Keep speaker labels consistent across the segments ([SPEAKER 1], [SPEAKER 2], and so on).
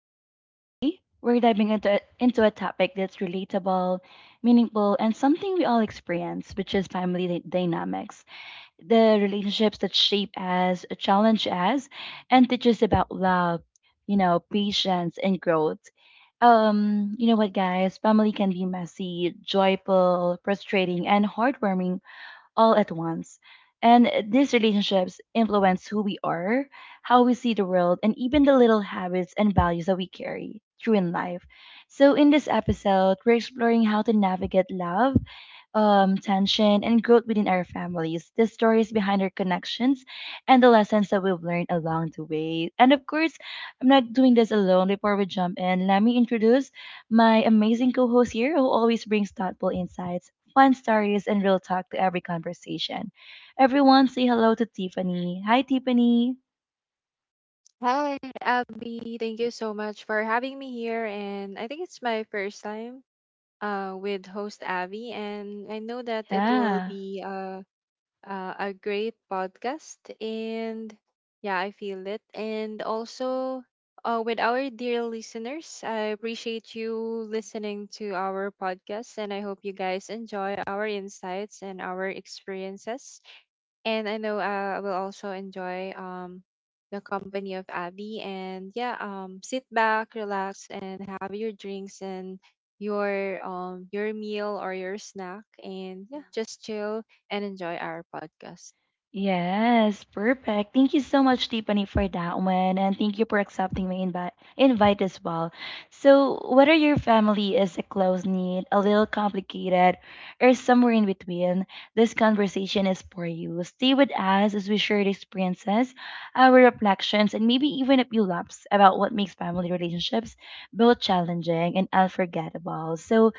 [SPEAKER 1] Vibes. Today, we're diving into a topic that's relatable, meaningful, and something we all experience, which is family dynamics. The relationships that shape us, challenge us, and teach us about love, you know, patience, and growth. You know what, guys? Family can be messy, joyful, frustrating, and heartwarming all at once. And these relationships influence who we are, how we see the world, and even the little habits and values that we carry through in life. So, in this episode, we're exploring how to navigate love tension, and growth within our families, the stories behind our connections, and the lessons that we've learned along the way. And of course, I'm not doing this alone. Before we jump in, let me introduce my amazing co host here who always brings thoughtful insights, fun stories, and real talk to every conversation. Everyone, say hello to Tiffany. Hi, Tiffany.
[SPEAKER 2] Hi, Abby. Thank you so much for having me here. And I think it's my first time with host Abby, and I know that it will
[SPEAKER 1] Yeah.
[SPEAKER 2] be a great podcast. And yeah, I feel it. And also, with our dear listeners, I appreciate you listening to our podcast. And I hope you guys enjoy our insights and our experiences. And I know I will also enjoy the company of Abby. And yeah, sit back, relax, and have your drinks and your meal or your snack, and yeah, just chill and enjoy our podcast.
[SPEAKER 1] Yes, perfect. Thank you so much, Tiffany, for that one. And thank you for accepting my invite as well. So whether your family is a close knit, a little complicated, or somewhere in between, this conversation is for you. Stay with us as we share the experiences, our reflections, and maybe even a few laughs about what makes family relationships both challenging and unforgettable. So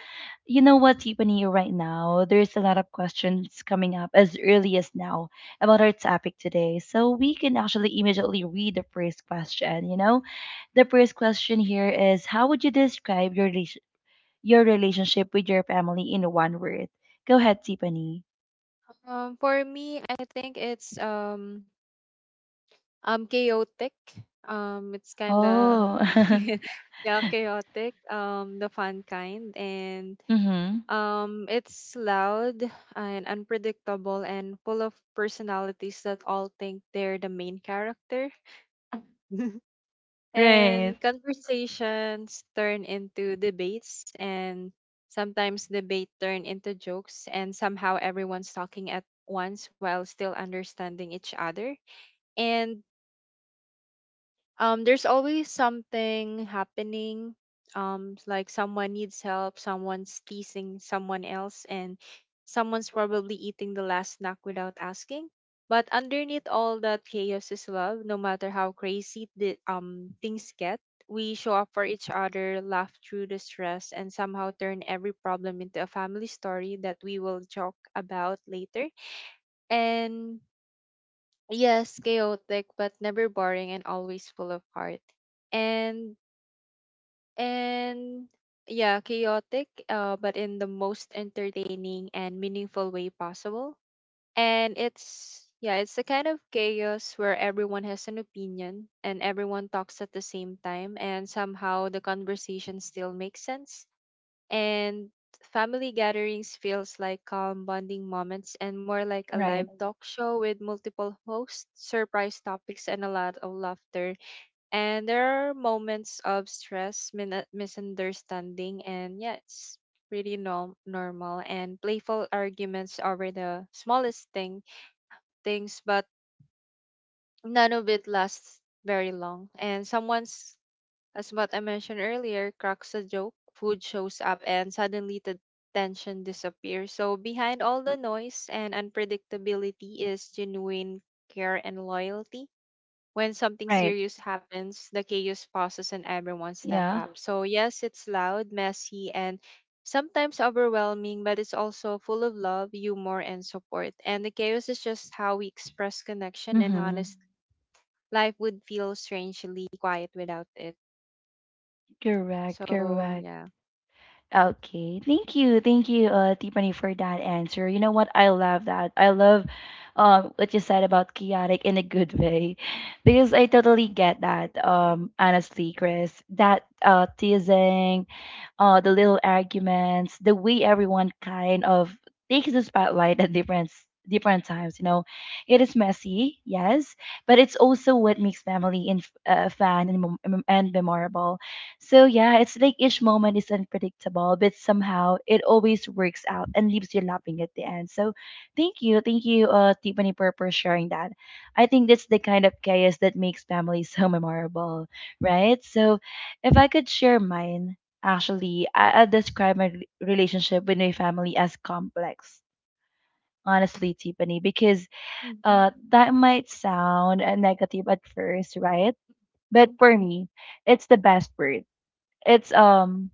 [SPEAKER 1] you know what, Tiffany, right now, there's a lot of questions coming up as early as now about our topic today. So we can actually immediately read the first question, you know? The first question here is how would you describe your your relationship with your family in one word? Go ahead, Tiffany.
[SPEAKER 2] For me, I think it's chaotic. It's kind of
[SPEAKER 1] Oh.
[SPEAKER 2] yeah, chaotic. The fun kind, and
[SPEAKER 1] Mhm.
[SPEAKER 2] it's loud and unpredictable and full of personalities that all think they're the main character.
[SPEAKER 1] Right.
[SPEAKER 2] And conversations turn into debates, and sometimes debate turn into jokes, and somehow everyone's talking at once while still understanding each other. And there's always something happening, like someone needs help, someone's teasing someone else, and someone's probably eating the last snack without asking. But underneath all that chaos is love. No matter how crazy the things get, we show up for each other, laugh through the stress, and somehow turn every problem into a family story that we will joke about later. And yes, chaotic but never boring and always full of heart. And and yeah, chaotic but in the most entertaining and meaningful way possible. And it's, yeah, it's the kind of chaos where everyone has an opinion and everyone talks at the same time and somehow the conversation still makes sense. And family gatherings feels like calm bonding moments and more like a live
[SPEAKER 1] Right.
[SPEAKER 2] talk show with multiple hosts, surprise topics, and a lot of laughter. And there are moments of stress, misunderstanding, and yeah, it's pretty normal and playful arguments over the smallest things, but none of it lasts very long. And someone's as what I mentioned earlier, cracks a joke, food shows up, and suddenly the tension disappears. So behind all the noise and unpredictability is genuine care and loyalty. When something
[SPEAKER 1] Right.
[SPEAKER 2] serious happens, the chaos pauses and everyone step
[SPEAKER 1] Yeah.
[SPEAKER 2] up. So yes, it's loud, messy, and sometimes overwhelming, but it's also full of love, humor, and support. And the chaos is just how we express connection and honest
[SPEAKER 1] Mhm.
[SPEAKER 2] life would feel strangely quiet without it.
[SPEAKER 1] Correct,
[SPEAKER 2] So
[SPEAKER 1] correct.
[SPEAKER 2] yeah.
[SPEAKER 1] Okay. Thank you. Thank you, Tiffany, for that answer. You know what? I love that. I love what you said about chaotic in a good way because I totally get that, honestly, Chris. That teasing, the little arguments, the way everyone kind of takes the spotlight at different times. You know, it is messy, yes, but it's also what makes family and fun and, and memorable. So yeah, it's like each moment is unpredictable, but somehow it always works out and leaves you laughing at the end. So thank you, Tiffany, for sharing that. I think that's the kind of chaos that makes family so memorable, right? So if I could share mine, actually, I describe my relationship with my family as complex, honestly, Tiffany, because
[SPEAKER 2] Mhm,
[SPEAKER 1] that might sound negative at first, right? But
[SPEAKER 2] mhm,
[SPEAKER 1] for me, it's the best word. It's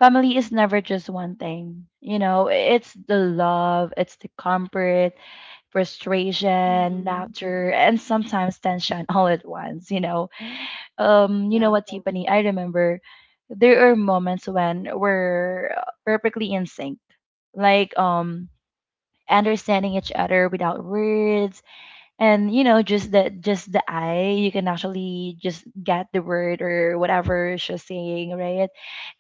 [SPEAKER 1] family is never just one thing. You know, it's the love, it's the comfort, frustration,
[SPEAKER 2] mhm.
[SPEAKER 1] laughter, and sometimes tension all at once, you know. You know
[SPEAKER 2] Yeah.
[SPEAKER 1] what, Tiffany, I remember there are moments when we're perfectly in sync, like understanding each other without words, and you know just the eye, you can actually just get the word or whatever she's saying, right?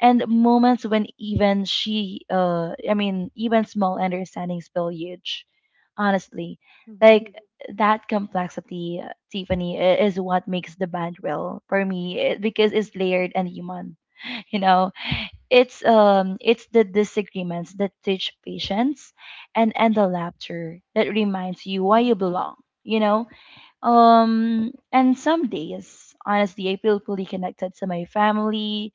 [SPEAKER 1] And moments when even she I mean even small understandings feel huge, honestly,
[SPEAKER 2] Mhm,
[SPEAKER 1] like that complexity, Tiffany, is what makes the band real for me, because it's layered and human. You know, it's the disagreements that teach patience, and the laughter that reminds you why
[SPEAKER 2] mhm,
[SPEAKER 1] you belong, you know. And some days, honestly, I feel fully connected to my family,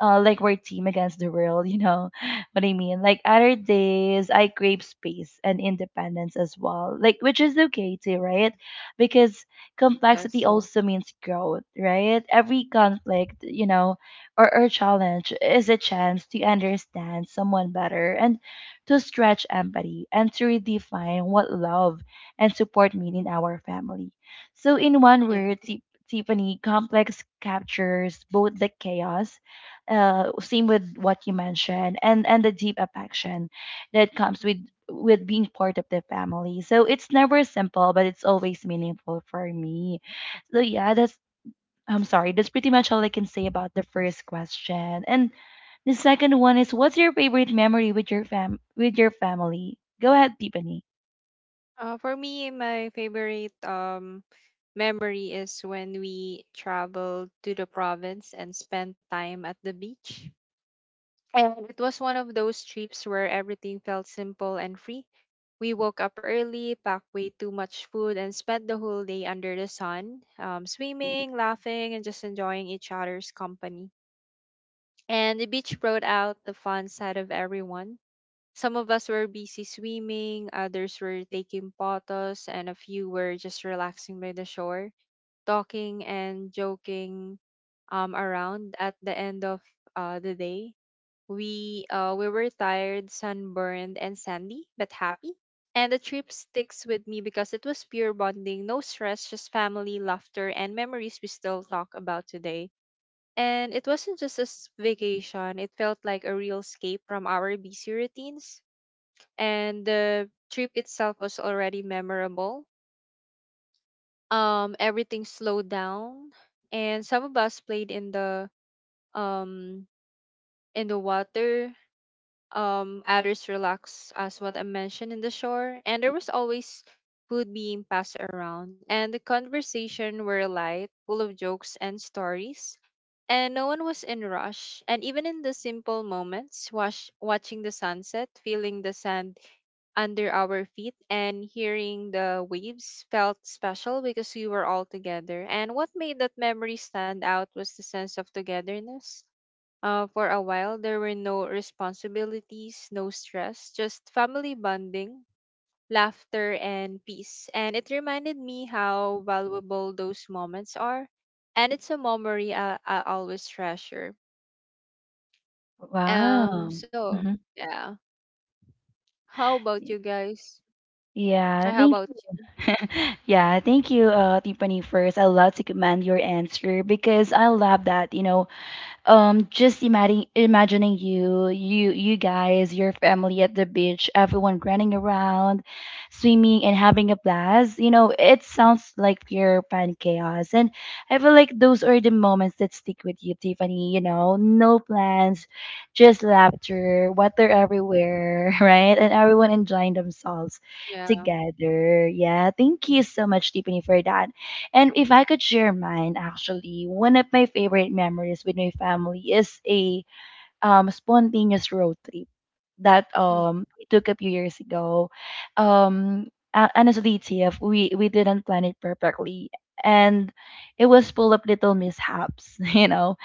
[SPEAKER 1] like we're team against the world, you know what I mean? Like other days, I crave space and independence as well, like, which is okay too,
[SPEAKER 2] mhm.
[SPEAKER 1] right? Because complexity
[SPEAKER 2] Yes.
[SPEAKER 1] also means growth, right? Every conflict, you know, or challenge is a chance to understand someone better, and to stretch empathy, and to redefine what love and support mean in our family. So, in one
[SPEAKER 2] Yeah.
[SPEAKER 1] word, Tiffany, complex captures both the chaos, same with what you mentioned, and the deep affection that comes
[SPEAKER 2] Mhm.
[SPEAKER 1] with being part of the family. So it's never simple, but it's always meaningful for me. So yeah, that's, I'm sorry, that's pretty much all I can say about the first question. And the second one is, what's your favorite memory with your fam with your family? Go ahead, Tiffany.
[SPEAKER 2] For me, my favorite memory is when we traveled to the province and spent time at the beach. And it was one of those trips where everything felt simple and free. We woke up early, packed way too much food, and spent the whole day under the sun, swimming, laughing, and just enjoying each other's company. And the beach brought out the fun side of everyone. Some of us were busy swimming, others were taking photos, and a few were just relaxing by the shore, talking and joking around at the end of the day. We were tired, sunburned, and sandy, but happy. And the trip sticks with me because it was pure bonding, no stress, just family, laughter, and memories we still talk about today. And it wasn't just a vacation, it felt like a real escape from our busy routines. And the trip itself was already memorable. Everything slowed down, and some of us played um in the water, others relax, as what I mentioned, in the shore. And there was always food being passed around, and the conversation were light, full of jokes and stories. And no one was in rush. And even in the simple moments, watching the sunset, feeling the sand under our feet, and hearing the waves felt special because we were all together. And what made that memory stand out was the sense of togetherness. For a while, there were no responsibilities, no stress, just family bonding, laughter, and peace. And it reminded me how valuable those moments are. And it's a memory I always treasure. Um,
[SPEAKER 1] Wow.
[SPEAKER 2] so,
[SPEAKER 1] Hmm.
[SPEAKER 2] yeah. How about you guys?
[SPEAKER 1] Yeah,
[SPEAKER 2] How
[SPEAKER 1] thank.
[SPEAKER 2] about you?
[SPEAKER 1] Yeah, thank you, Tiffany. First, I love to commend your answer because I love that. You know, just imagining you guys, your family at the beach, everyone running around, swimming and having a blast, you know, it sounds like pure fun chaos. And I feel like those are the moments that stick with you, Tiffany, you know? No plans, just laughter, water
[SPEAKER 2] Mhm.
[SPEAKER 1] everywhere, right? And everyone enjoying themselves
[SPEAKER 2] Yeah.
[SPEAKER 1] together. Yeah, thank you so much, Tiffany, for that. And if I could share mine, actually, one of my favorite memories with my family is a spontaneous road trip that
[SPEAKER 2] Mm-hmm.
[SPEAKER 1] we took a few years ago. Um, Honestly, TF, we didn't plan it perfectly, and it was full of little mishaps, you know,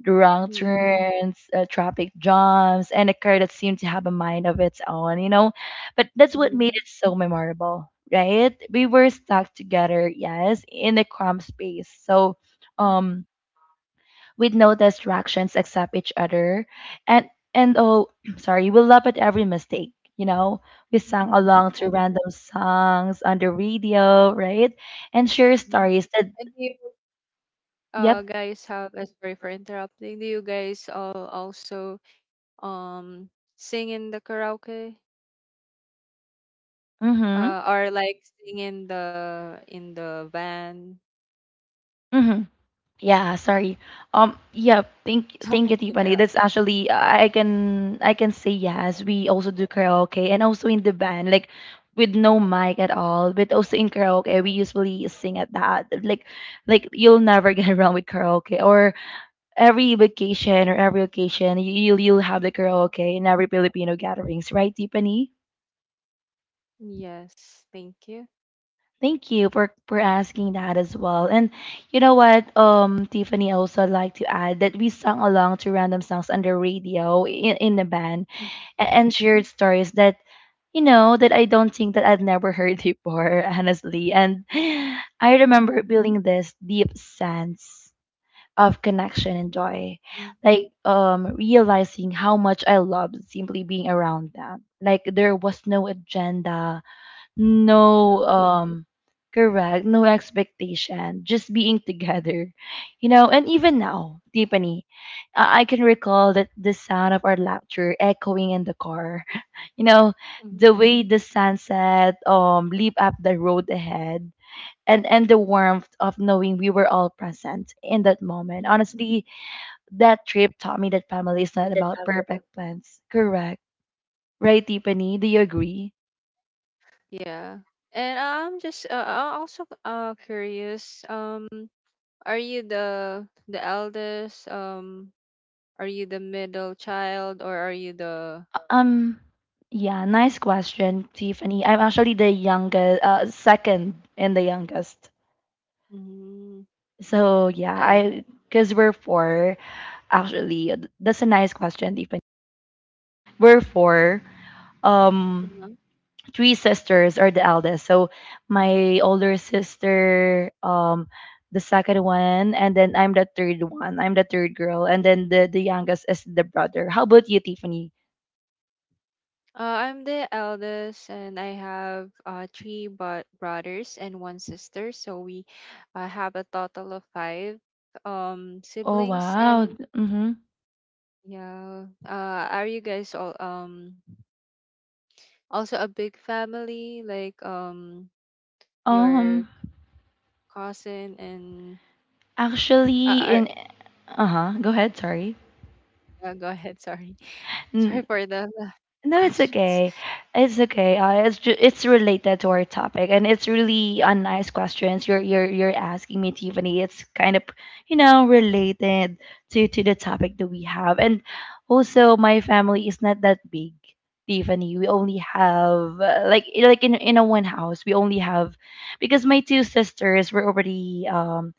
[SPEAKER 1] the wrong
[SPEAKER 2] Mm-hmm.
[SPEAKER 1] turns, traffic jams, and a car that seemed to have a mind of its own, you know? But that's what made
[SPEAKER 2] Mm-hmm.
[SPEAKER 1] it so memorable, right? We were stuck together, yes, in a cramped space. So,
[SPEAKER 2] Mm-hmm.
[SPEAKER 1] um, with no distractions except each other. And, and oh, sorry, we laugh at every mistake. You know, we sang
[SPEAKER 2] Mm-hmm.
[SPEAKER 1] along to
[SPEAKER 2] Yeah.
[SPEAKER 1] random songs on the radio, right? And share
[SPEAKER 2] Mm-hmm.
[SPEAKER 1] stories that,
[SPEAKER 2] And do you
[SPEAKER 1] yep,
[SPEAKER 2] guys have sorry for interrupting, do you guys all also um sing in the karaoke
[SPEAKER 1] mm hmm,
[SPEAKER 2] or like sing in the van?
[SPEAKER 1] mm. Yeah, sorry. Yeah, thank
[SPEAKER 2] Sorry
[SPEAKER 1] thank
[SPEAKER 2] for
[SPEAKER 1] you, Tiffany. That's
[SPEAKER 2] interrupting.
[SPEAKER 1] actually, I can, I can say yes. We also do karaoke, and also in the band, like with no mic at all. But also in karaoke, we usually sing at that. Like you'll never get around with karaoke, or every vacation or every occasion, you'll have the karaoke in every Filipino gatherings, right, Tiffany?
[SPEAKER 2] Yes, thank you.
[SPEAKER 1] Thank you for asking that as well. And you know what, Tiffany, I also like to add that we sang along to random songs on the radio in the band
[SPEAKER 2] Mhm.
[SPEAKER 1] and shared stories that, you know, that I don't think that I've never heard before, honestly. And I
[SPEAKER 2] Mhm.
[SPEAKER 1] remember feeling this deep sense of connection and joy,
[SPEAKER 2] Mhm.
[SPEAKER 1] like realizing how much I loved simply being around them. Like there was no agenda,
[SPEAKER 2] Yeah.
[SPEAKER 1] no um, correct, no expectation, just being together, you know. And even now, Tiffany, I can recall that the sound of our laughter echoing in the car, you know,
[SPEAKER 2] Mhm.
[SPEAKER 1] the way the sunset leap up the road ahead, and the warmth of knowing we were all present in that moment,
[SPEAKER 2] Mhm.
[SPEAKER 1] honestly. That trip taught me that family is
[SPEAKER 2] With
[SPEAKER 1] not
[SPEAKER 2] the
[SPEAKER 1] about
[SPEAKER 2] dog.
[SPEAKER 1] perfect plans, correct, right, Tiffany, do you agree?
[SPEAKER 2] Yeah. And I'm just I'm also curious, are you the eldest, are you the middle child, or are you the
[SPEAKER 1] Um, yeah, nice question, Tiffany. I'm actually the youngest, second and the youngest.
[SPEAKER 2] mm?
[SPEAKER 1] So yeah,
[SPEAKER 2] I
[SPEAKER 1] I, because we're four actually. That's a nice question, Tiffany. We're four. Um, three sisters are the eldest. So my older sister, the second one, and then I'm the third one. I'm the third girl, and then the youngest is the brother. How about you, Tiffany?
[SPEAKER 2] I'm the eldest, and I have three but brothers and one sister, so we have a total of five
[SPEAKER 1] Oh
[SPEAKER 2] siblings.
[SPEAKER 1] wow.
[SPEAKER 2] And
[SPEAKER 1] Mm-hmm.
[SPEAKER 2] yeah. Are you guys all also a big family, like your
[SPEAKER 1] Um,
[SPEAKER 2] cousin and
[SPEAKER 1] actually,
[SPEAKER 2] uh, are,
[SPEAKER 1] in, uh-huh, go ahead, sorry.
[SPEAKER 2] go ahead, sorry. Sorry
[SPEAKER 1] N-
[SPEAKER 2] for the
[SPEAKER 1] No, it's
[SPEAKER 2] questions.
[SPEAKER 1] okay. It's okay. It's it's related to our topic, and it's really a nice questions you're asking me, Tiffany. It's kind of, you know, related to the topic that we have. And also my family is not that big, Tiffany. We only have like in a one house, we only have, because my two sisters were already um,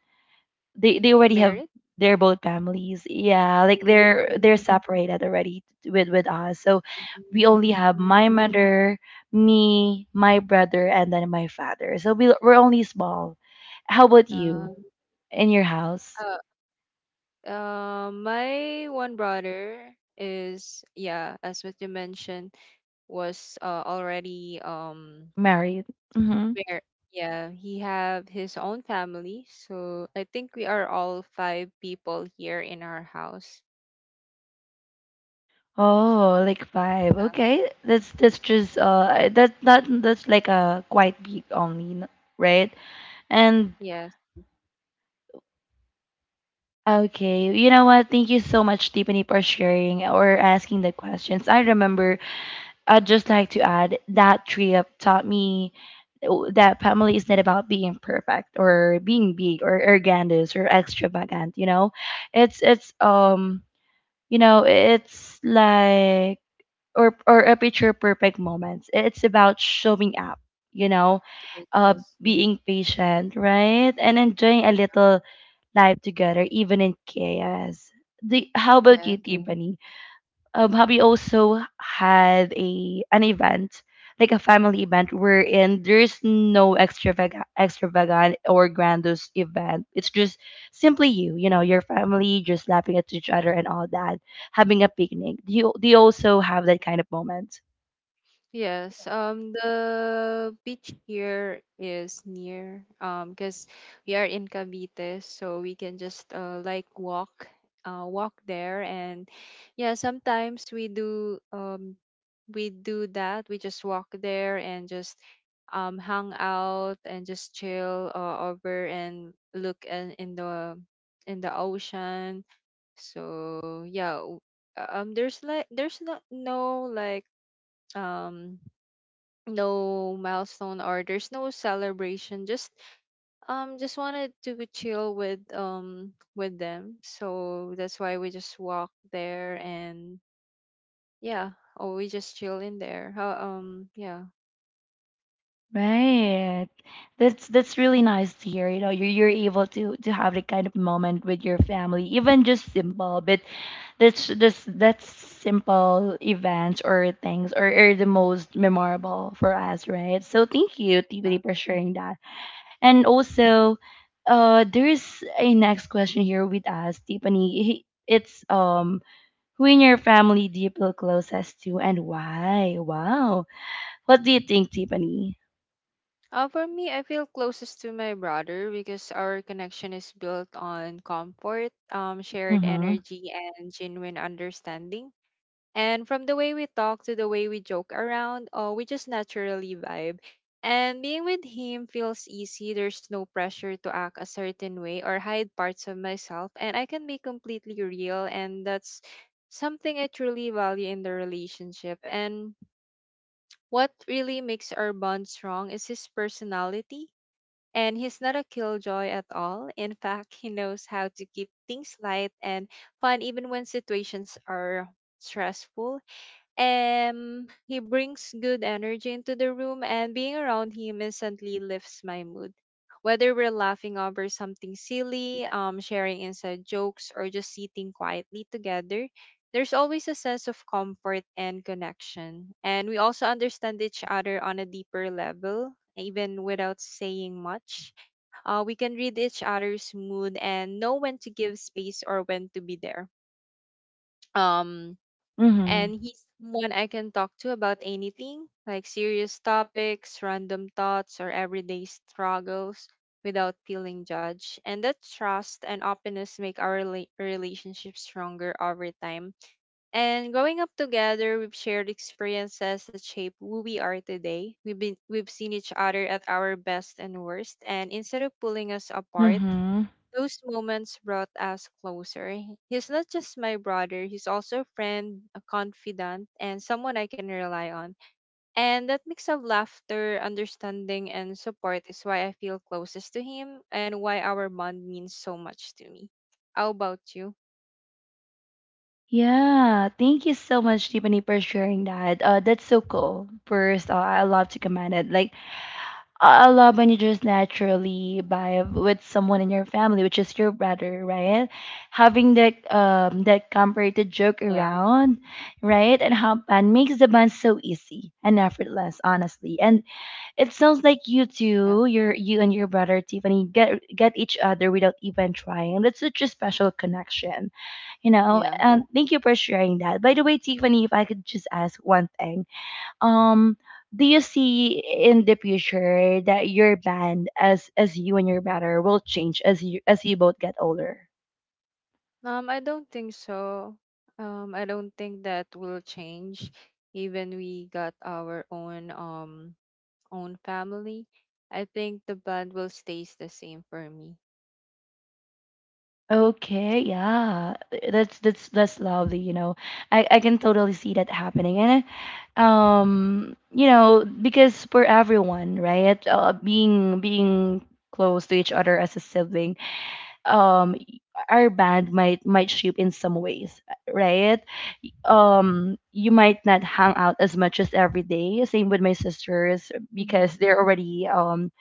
[SPEAKER 1] they already have
[SPEAKER 2] Merit?
[SPEAKER 1] their both families, yeah, like they're separated already with us. So
[SPEAKER 2] Mhm.
[SPEAKER 1] we only have
[SPEAKER 2] Mm.
[SPEAKER 1] my mother, me, my brother, and then my father. So we, we're only small. How about you
[SPEAKER 2] Uh,
[SPEAKER 1] in your house?
[SPEAKER 2] uh, my one brother is, yeah, as what you mentioned, was already
[SPEAKER 1] Married. Mm-hmm.
[SPEAKER 2] where, yeah, he have his own family. So I think we are all five people here in our house.
[SPEAKER 1] Oh, like five.
[SPEAKER 2] Yeah.
[SPEAKER 1] Okay, that's just uh, that that that's like a quite big only, right? And
[SPEAKER 2] Yes.
[SPEAKER 1] okay, you know what? Thank you so much, Tiffany, for sharing or asking the questions. I remember I'd just like to add that trip taught me that family is not about being perfect or being big or arrogant or extravagant. You know, it's you know, it's like, or a picture perfect moments. It's about showing up. You know,
[SPEAKER 2] Yes.
[SPEAKER 1] uh,
[SPEAKER 2] Yes.
[SPEAKER 1] being patient, right, and enjoying a little life together, even in chaos. How about
[SPEAKER 2] Yeah.
[SPEAKER 1] you, Tiffany? Have you also had a an event, like a family event, wherein there's no extravagant, extravagant or grandiose event? It's just simply you, you know, your family just laughing at each other and all that, having a picnic. Do you also have that kind of moment?
[SPEAKER 2] Yes, the beach here is near, because we are in Cavite, so we can just like walk there, and yeah, sometimes we do that. We just walk there and just hang out and just chill over and look in the ocean. So yeah, there's like there's not no like um no milestone or there's no celebration, just wanted to chill with them. So that's why we just walk there, and yeah, or we just chill in there. How yeah.
[SPEAKER 1] Right. That's really nice to hear. You know, you're able to have that kind of moment with your family, even just simple, but that's simple events or things are the most memorable for us, right? So thank you, TBD,
[SPEAKER 2] Yeah.
[SPEAKER 1] for sharing that. And also, there's a next question here with us, Tiffany. It's who in your family do you feel closest to, and why? Wow, what do you think, Tiffany?
[SPEAKER 2] For me, I feel closest to my brother because our connection is built on comfort, shared
[SPEAKER 1] Mm-hmm.
[SPEAKER 2] energy, and genuine understanding. And from the way we talk to the way we joke around, oh, we just naturally vibe. And being with him feels easy. There's no pressure to act a certain way or hide parts of myself. And I can be completely real. And that's something I truly value in the relationship. And what really makes our bond strong is his personality. And he's not a killjoy at all. In fact, he knows how to keep things light and fun even when situations are stressful. He brings good energy into the room, and being around him instantly lifts my mood. Whether we're laughing over something silly, sharing inside jokes, or just sitting quietly together, there's always a sense of comfort and connection. And we also understand each other on a deeper level, even without saying much. We can read each other's mood and know when to give space or when to be there. Um,
[SPEAKER 1] Mm-hmm.
[SPEAKER 2] and he's someone I can talk to about anything, like serious topics, random thoughts, or everyday struggles without feeling judged. And that trust and openness make our relationship stronger over time. And growing up together, we've shared experiences that shape who we are today. We've seen each other at our best and worst, and instead of pulling us apart,
[SPEAKER 1] Mm-hmm.
[SPEAKER 2] those moments brought us closer. He's not just my brother, he's also a friend, a confidant, and someone I can rely on. And that mix of laughter, understanding, and support is why I feel closest to him and why our bond means so much to me. How about you?
[SPEAKER 1] Yeah, thank you so much, Tiffany, for sharing that. That's so cool. First, I love to comment it. I love when you just naturally vibe with someone in your family, which is your brother, right? Having that that comfort to joke
[SPEAKER 2] Yeah,
[SPEAKER 1] around, right? And how and makes the bond so easy and effortless, honestly. And it sounds like you
[SPEAKER 2] yeah,
[SPEAKER 1] two, you and your brother Tiffany, get each other without even trying. That's such a special connection, you know.
[SPEAKER 2] yeah.
[SPEAKER 1] And thank you for sharing that. By the way, Tiffany, if I could just ask one thing, um do you see in the future that your band as you and your brother will change as you both get older.
[SPEAKER 2] I don't think so. I don't think that will change. Even we got our own own family, I think the bond will stays the same for me.
[SPEAKER 1] Okay, yeah. That's that's lovely, you know. I can totally see that happening. And you know, because for everyone, right? Being close to each other as a sibling, um our band might shape in some ways, right? Um, you might not hang out as much as every day, same with my sisters
[SPEAKER 2] Mhm.
[SPEAKER 1] because they're already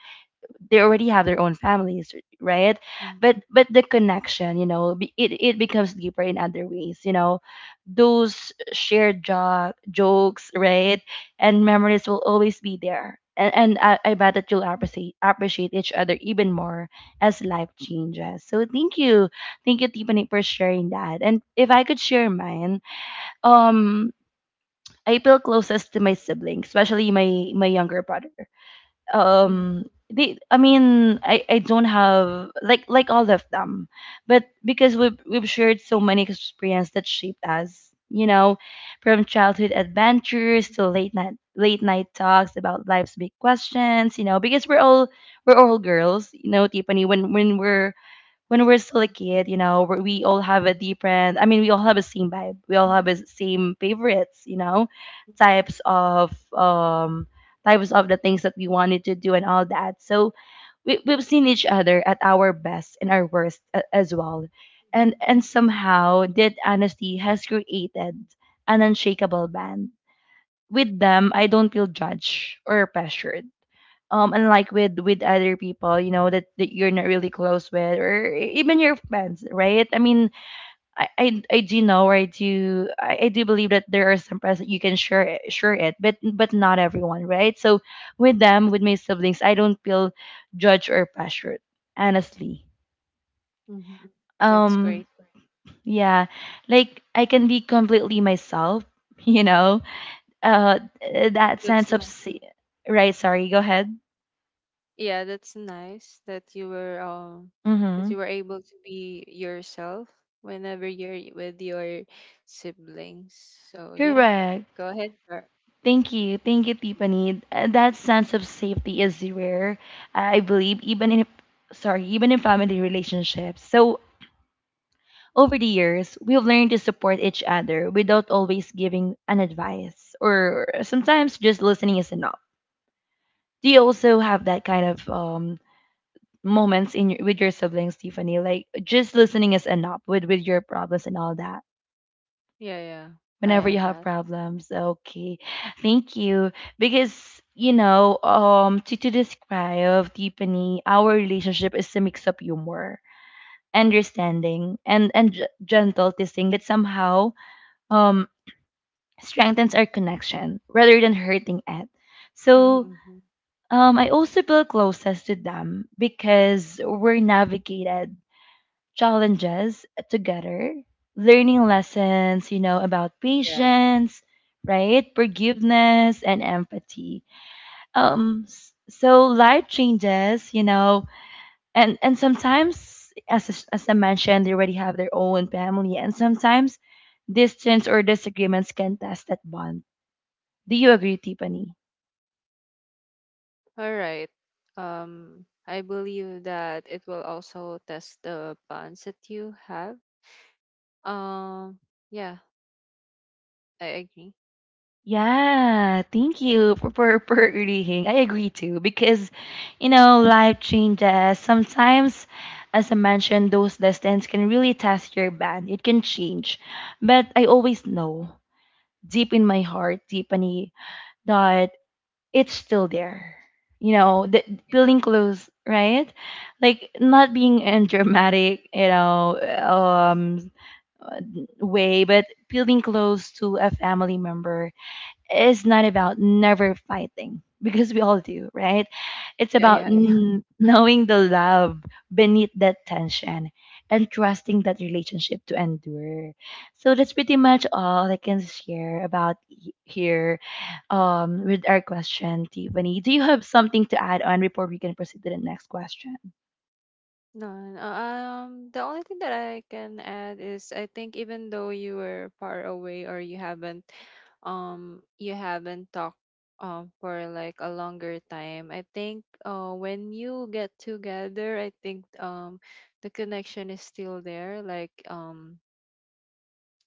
[SPEAKER 1] they already have their own families, right?
[SPEAKER 2] Mm,
[SPEAKER 1] But the connection, you know, it, it becomes deeper in other ways, you know, those shared jokes,
[SPEAKER 2] mm,
[SPEAKER 1] right? And memories will always be there. And I bet that you'll appreciate each other even more as life changes. So thank you, thank you, Tiffany, for sharing that. And if I could share mine, um I feel closest to my siblings, especially my younger brother.
[SPEAKER 2] mhm,
[SPEAKER 1] um they, I mean, I don't have like all of them, but because we've shared so many experiences that shaped us, you know, from childhood adventures to late night talks about life's big questions, you know, because we're all girls, you know, Tiffany. When we're still a
[SPEAKER 2] mhm,
[SPEAKER 1] kid, you know, we all have a different. I mean, we all have a same vibe. We all have
[SPEAKER 2] mhm,
[SPEAKER 1] a same favorites, you know, types of um types of the things that we wanted to do and all that. So we've seen each other at our best and our worst, as well, and somehow that honesty has created an unshakable band. With them, I don't feel judged or pressured, unlike with other people, you know, that you're not really close with, or even your friends, right? I mean, I do know, or I do believe that there are some friends that you can share it, but not everyone, right? So with them, with my siblings, I don't feel judged or pressured, honestly.
[SPEAKER 2] mhm. That's great.
[SPEAKER 1] um yeah, like I can be completely myself you know. uh that
[SPEAKER 2] That's
[SPEAKER 1] sense of
[SPEAKER 2] nice.
[SPEAKER 1] right, sorry, go ahead.
[SPEAKER 2] Yeah, that's nice that you
[SPEAKER 1] Mm-hmm.
[SPEAKER 2] were able to be yourself whenever you're with your siblings. So yeah,
[SPEAKER 1] Correct.
[SPEAKER 2] go ahead. Sure.
[SPEAKER 1] Thank you. Thank you, Tiffany. That sense of safety is rare, I believe, even in, sorry, even in family relationships. So over the years, we've learned to support each other without always giving an advice, or sometimes just listening is enough. Do you also have that kind of moments in your, with your siblings, Tiffany? Like just listening is enough with your problems and all that,
[SPEAKER 2] Yeah, yeah, I
[SPEAKER 1] whenever
[SPEAKER 2] have
[SPEAKER 1] you have
[SPEAKER 2] that.
[SPEAKER 1] problems. Okay. Thank you. Because, you know, to describe Tiffany, our relationship is a mix of humor, understanding, and gentle testing that somehow um strengthens our connection rather than hurting it. So
[SPEAKER 2] Mm-hmm.
[SPEAKER 1] I also feel closest to them because we're navigated challenges together, learning lessons, you know, about patience, right? Forgiveness and empathy. So life changes, you know, and sometimes as I mentioned, they already have their own family, and sometimes distance or disagreements can test that bond. Do you agree, Tiffany?
[SPEAKER 2] All right. I believe that it will also test the bonds that you have. Um, yeah, I agree.
[SPEAKER 1] Yeah, thank you for, for reading. I agree too because, you know, life changes. Sometimes, as I mentioned, those distance can really test your band. It can change. But I always know, deep in my heart, Tiffany, that it's still there. You know, the feeling close, right? Like not being in dramatic, you know,
[SPEAKER 2] Mm.
[SPEAKER 1] way, but feeling close to a family member, it's not about never fighting because we all do, right? It's
[SPEAKER 2] Yeah,
[SPEAKER 1] about
[SPEAKER 2] yeah, yeah.
[SPEAKER 1] knowing the love beneath that tension and trusting that relationship to endure. So that's pretty much all I can share about here, with our question, Tiffany. Do you have something to add on before we can proceed to the next question?
[SPEAKER 2] No, no, the only thing that I can add is I think even though you were far away or you haven't talked for like a longer time, I think, when you get together, I think, the connection is still there. Like,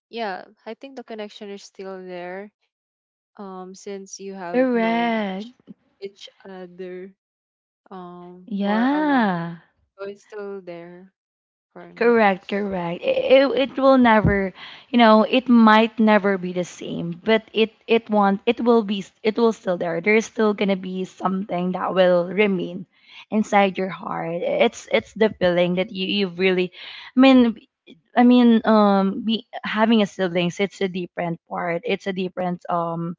[SPEAKER 2] yeah, I think the connection is still there, since you have known
[SPEAKER 1] Correct.
[SPEAKER 2] each other for a long,
[SPEAKER 1] Yeah.
[SPEAKER 2] so it's still there for me.
[SPEAKER 1] Correct, correct. It will never, you know, it might never be the same, but it won't. It will be. It will still there. There's still gonna be something that will remain inside your heart. It's the feeling that you really, I mean, be having a siblings. It's a different part. It's a different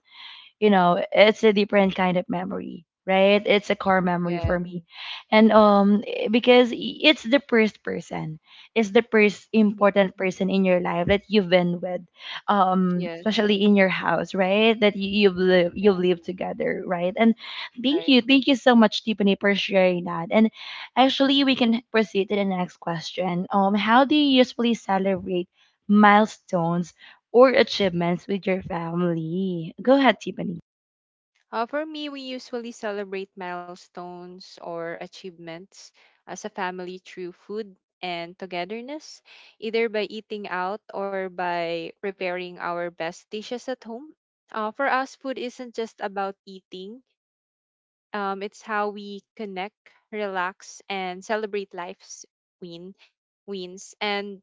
[SPEAKER 1] you know, it's a different kind of memory, right? It's a core memory
[SPEAKER 2] Yeah.
[SPEAKER 1] for me, and because it's the first person, it's the first
[SPEAKER 2] Mhm.
[SPEAKER 1] important person in your life that you've been with,
[SPEAKER 2] Yes,
[SPEAKER 1] especially in your house, right? That you've
[SPEAKER 2] yeah,
[SPEAKER 1] lived together, right? And thank
[SPEAKER 2] right.
[SPEAKER 1] you, thank you so much, Tiffany, for sharing that. And actually, we can proceed to the next question. Um, how do you usually celebrate milestones or achievements with your family? Go ahead, Tiffany.
[SPEAKER 2] For me, we usually celebrate milestones or achievements as a family through food and togetherness, either by eating out or by preparing our best dishes at home. For us, food isn't just about eating. It's how we connect, relax, and celebrate life's win wins. And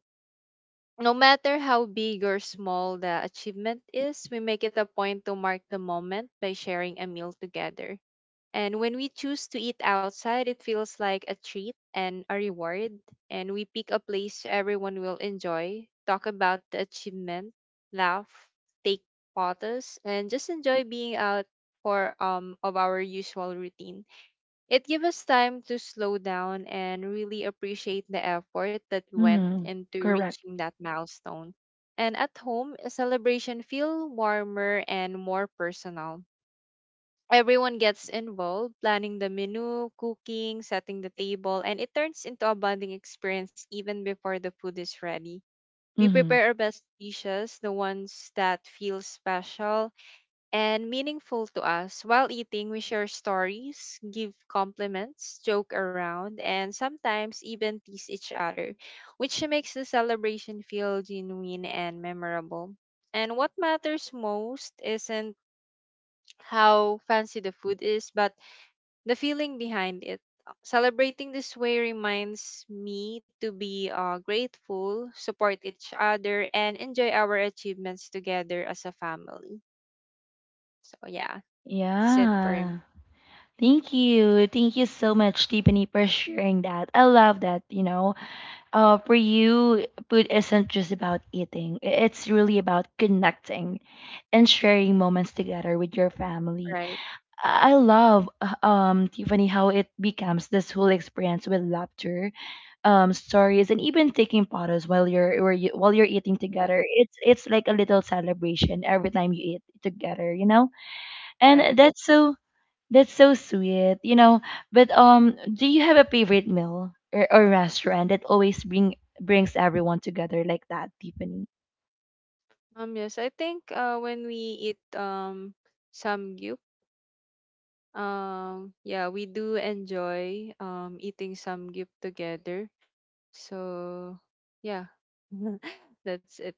[SPEAKER 2] no matter how big or small the achievement is, we make it a point to mark the moment by sharing a meal together. And when we choose to eat outside, it feels like a treat and a reward. And we pick a place everyone will enjoy, talk about the achievement, laugh, take photos, and just enjoy being out for of our usual routine. It gives us time to slow down and really appreciate the effort that went
[SPEAKER 1] Mhm.
[SPEAKER 2] into
[SPEAKER 1] Correct.
[SPEAKER 2] reaching that milestone. And at home, a celebration feel warmer and more personal. Everyone gets involved, planning the menu, cooking, setting the table, and it turns into a bonding experience even before the food is ready. We
[SPEAKER 1] Mhm.
[SPEAKER 2] prepare our best dishes, the ones that feel special, and meaningful to us. While eating, we share stories, give compliments, joke around, and sometimes even tease each other, which makes the celebration feel genuine and memorable. And what matters most isn't how fancy the food is, but the feeling behind it. Celebrating this way reminds me to be grateful, support each other, and enjoy our achievements together as a family. So, yeah, that's it for
[SPEAKER 1] Yeah.
[SPEAKER 2] me.
[SPEAKER 1] Thank you. Thank you so much, Tiffany, for sharing that. I love that, you know. For you, food isn't just about eating. It's really about connecting and sharing moments together with your family.
[SPEAKER 2] Right.
[SPEAKER 1] I love Tiffany, how it becomes this whole experience with laughter, stories, and even taking photos while you're while you while you're eating
[SPEAKER 2] Yeah.
[SPEAKER 1] together. It's like a little celebration every time you eat together, you know? And
[SPEAKER 2] Right.
[SPEAKER 1] that's so sweet, you know. But do you have a favorite meal, or restaurant that always brings everyone together like that, Tiffany?
[SPEAKER 2] Yes. I think. When we eat. Samgyup. Yeah. We do enjoy. Eating samgyup together. So. Yeah. That's it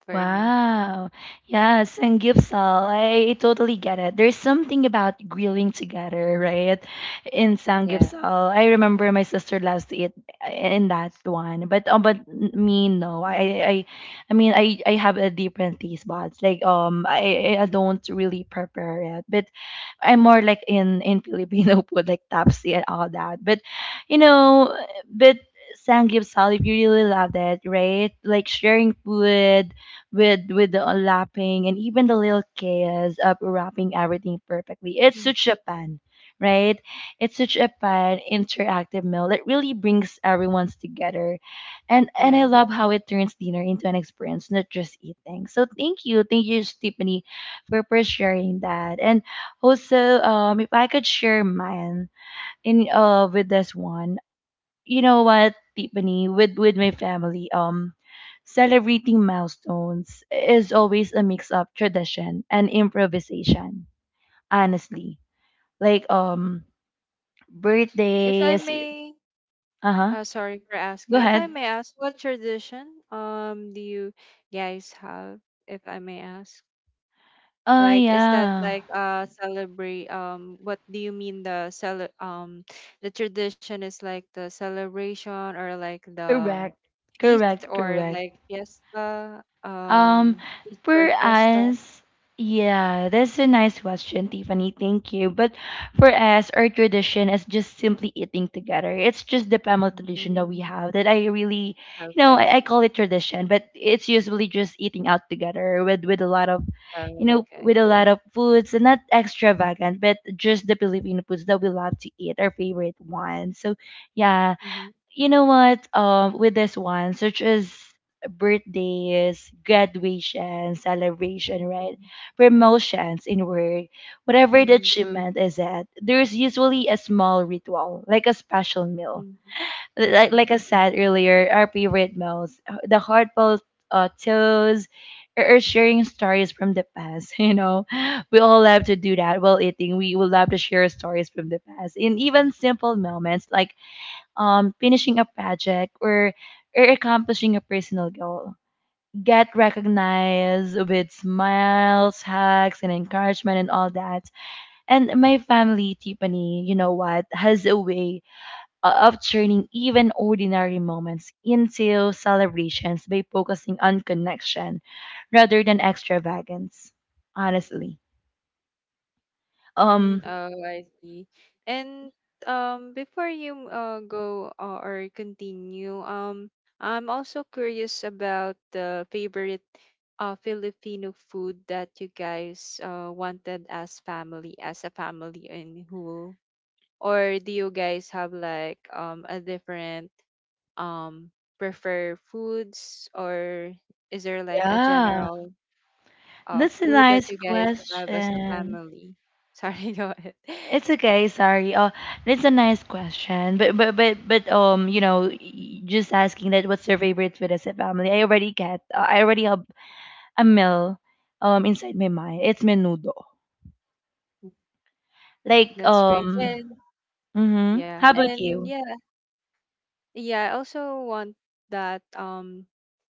[SPEAKER 2] for me.
[SPEAKER 1] Wow. Yes, and Gipsal, I totally get it. There's something about grilling together, right? In
[SPEAKER 2] Yeah.
[SPEAKER 1] Sanggipsal. I remember my sister loves to eat in that one. But me no. I mean I have a different taste buds. Like I don't really prepare it. But I'm more like in Filipino food, like tapsi and all that. But you know, but Sangyup Salib, you really love that, right? Like sharing food with the lapping and even the little chaos of wrapping everything perfectly. It's
[SPEAKER 2] Mm.
[SPEAKER 1] such a fun, right? It's such a fun interactive meal that really brings everyone's together, and I
[SPEAKER 2] Yeah.
[SPEAKER 1] love how it turns dinner into an experience, not just eating. So thank you, Stephanie, for sharing that. And also, if I could share mine in with this one, you know what, Tiffany, with my family, celebrating milestones is always a mix of tradition and improvisation. Honestly, like
[SPEAKER 2] If I
[SPEAKER 1] birthdays.
[SPEAKER 2] may.
[SPEAKER 1] Uh huh.
[SPEAKER 2] Sorry for
[SPEAKER 1] Go
[SPEAKER 2] asking. If I
[SPEAKER 1] ahead.
[SPEAKER 2] may ask, what tradition. Do you guys have? If I may ask.
[SPEAKER 1] Oh
[SPEAKER 2] Like, is that
[SPEAKER 1] yeah.
[SPEAKER 2] like celebrate what do you mean the cele the tradition is like the celebration or like the
[SPEAKER 1] Correct.
[SPEAKER 2] feast
[SPEAKER 1] Correct.
[SPEAKER 2] or like
[SPEAKER 1] Correct.
[SPEAKER 2] fiesta
[SPEAKER 1] Um,
[SPEAKER 2] feast or
[SPEAKER 1] for
[SPEAKER 2] fiesta?
[SPEAKER 1] us, yeah, that's a nice question, Tiffany. Thank you. But for us, our tradition is just simply eating together. It's just the family tradition
[SPEAKER 2] Hmm.
[SPEAKER 1] that we have that I really, you know,
[SPEAKER 2] Okay.
[SPEAKER 1] I call it tradition, but it's usually just eating out together with a lot of, you
[SPEAKER 2] Oh.
[SPEAKER 1] know,
[SPEAKER 2] Okay.
[SPEAKER 1] with a lot of foods, and not extravagant, but just the Filipino foods that we love to eat, our favorite ones. So yeah,
[SPEAKER 2] Mm-hmm.
[SPEAKER 1] you know what? With this one, such as birthdays, graduation, celebration, right?
[SPEAKER 2] Mm-hmm.
[SPEAKER 1] Promotions in work, whatever the
[SPEAKER 2] Mm-hmm.
[SPEAKER 1] achievement is at, there's usually a small ritual, like a special meal.
[SPEAKER 2] Mm-hmm. Mm-hmm.
[SPEAKER 1] Like I said earlier, our favorite meals, the heartfelt toast, or sharing stories from the past, you know. We all love to do that while eating. We will love to share stories from the past. And even simple moments like finishing a project, or accomplishing a personal goal, get recognized with smiles, hugs, and encouragement, and all that. And my family, Tiffany, you know what, has a way of turning even ordinary moments into celebrations by focusing on connection rather than extravagance. Honestly.
[SPEAKER 2] Mm,
[SPEAKER 1] Um
[SPEAKER 2] oh, I see. And before you go or continue, I'm also curious about the favorite Filipino food that you guys wanted as family, as a family in Hul. Or do you guys have like a different um, prefer foods, or is there like a
[SPEAKER 1] yeah.
[SPEAKER 2] general
[SPEAKER 1] That's a
[SPEAKER 2] food that
[SPEAKER 1] nice
[SPEAKER 2] you guys have as a
[SPEAKER 1] question.
[SPEAKER 2] family? Sorry, go ahead.
[SPEAKER 1] It's okay, sorry. It's a nice question, but you know, just asking that, what's your favorite food as a family? I already I already have a meal, inside my mind. It's menudo. Like
[SPEAKER 2] That's great.
[SPEAKER 1] um,
[SPEAKER 2] And
[SPEAKER 1] mm-hmm.
[SPEAKER 2] yeah,
[SPEAKER 1] How about
[SPEAKER 2] and
[SPEAKER 1] you?
[SPEAKER 2] yeah, yeah, I also want that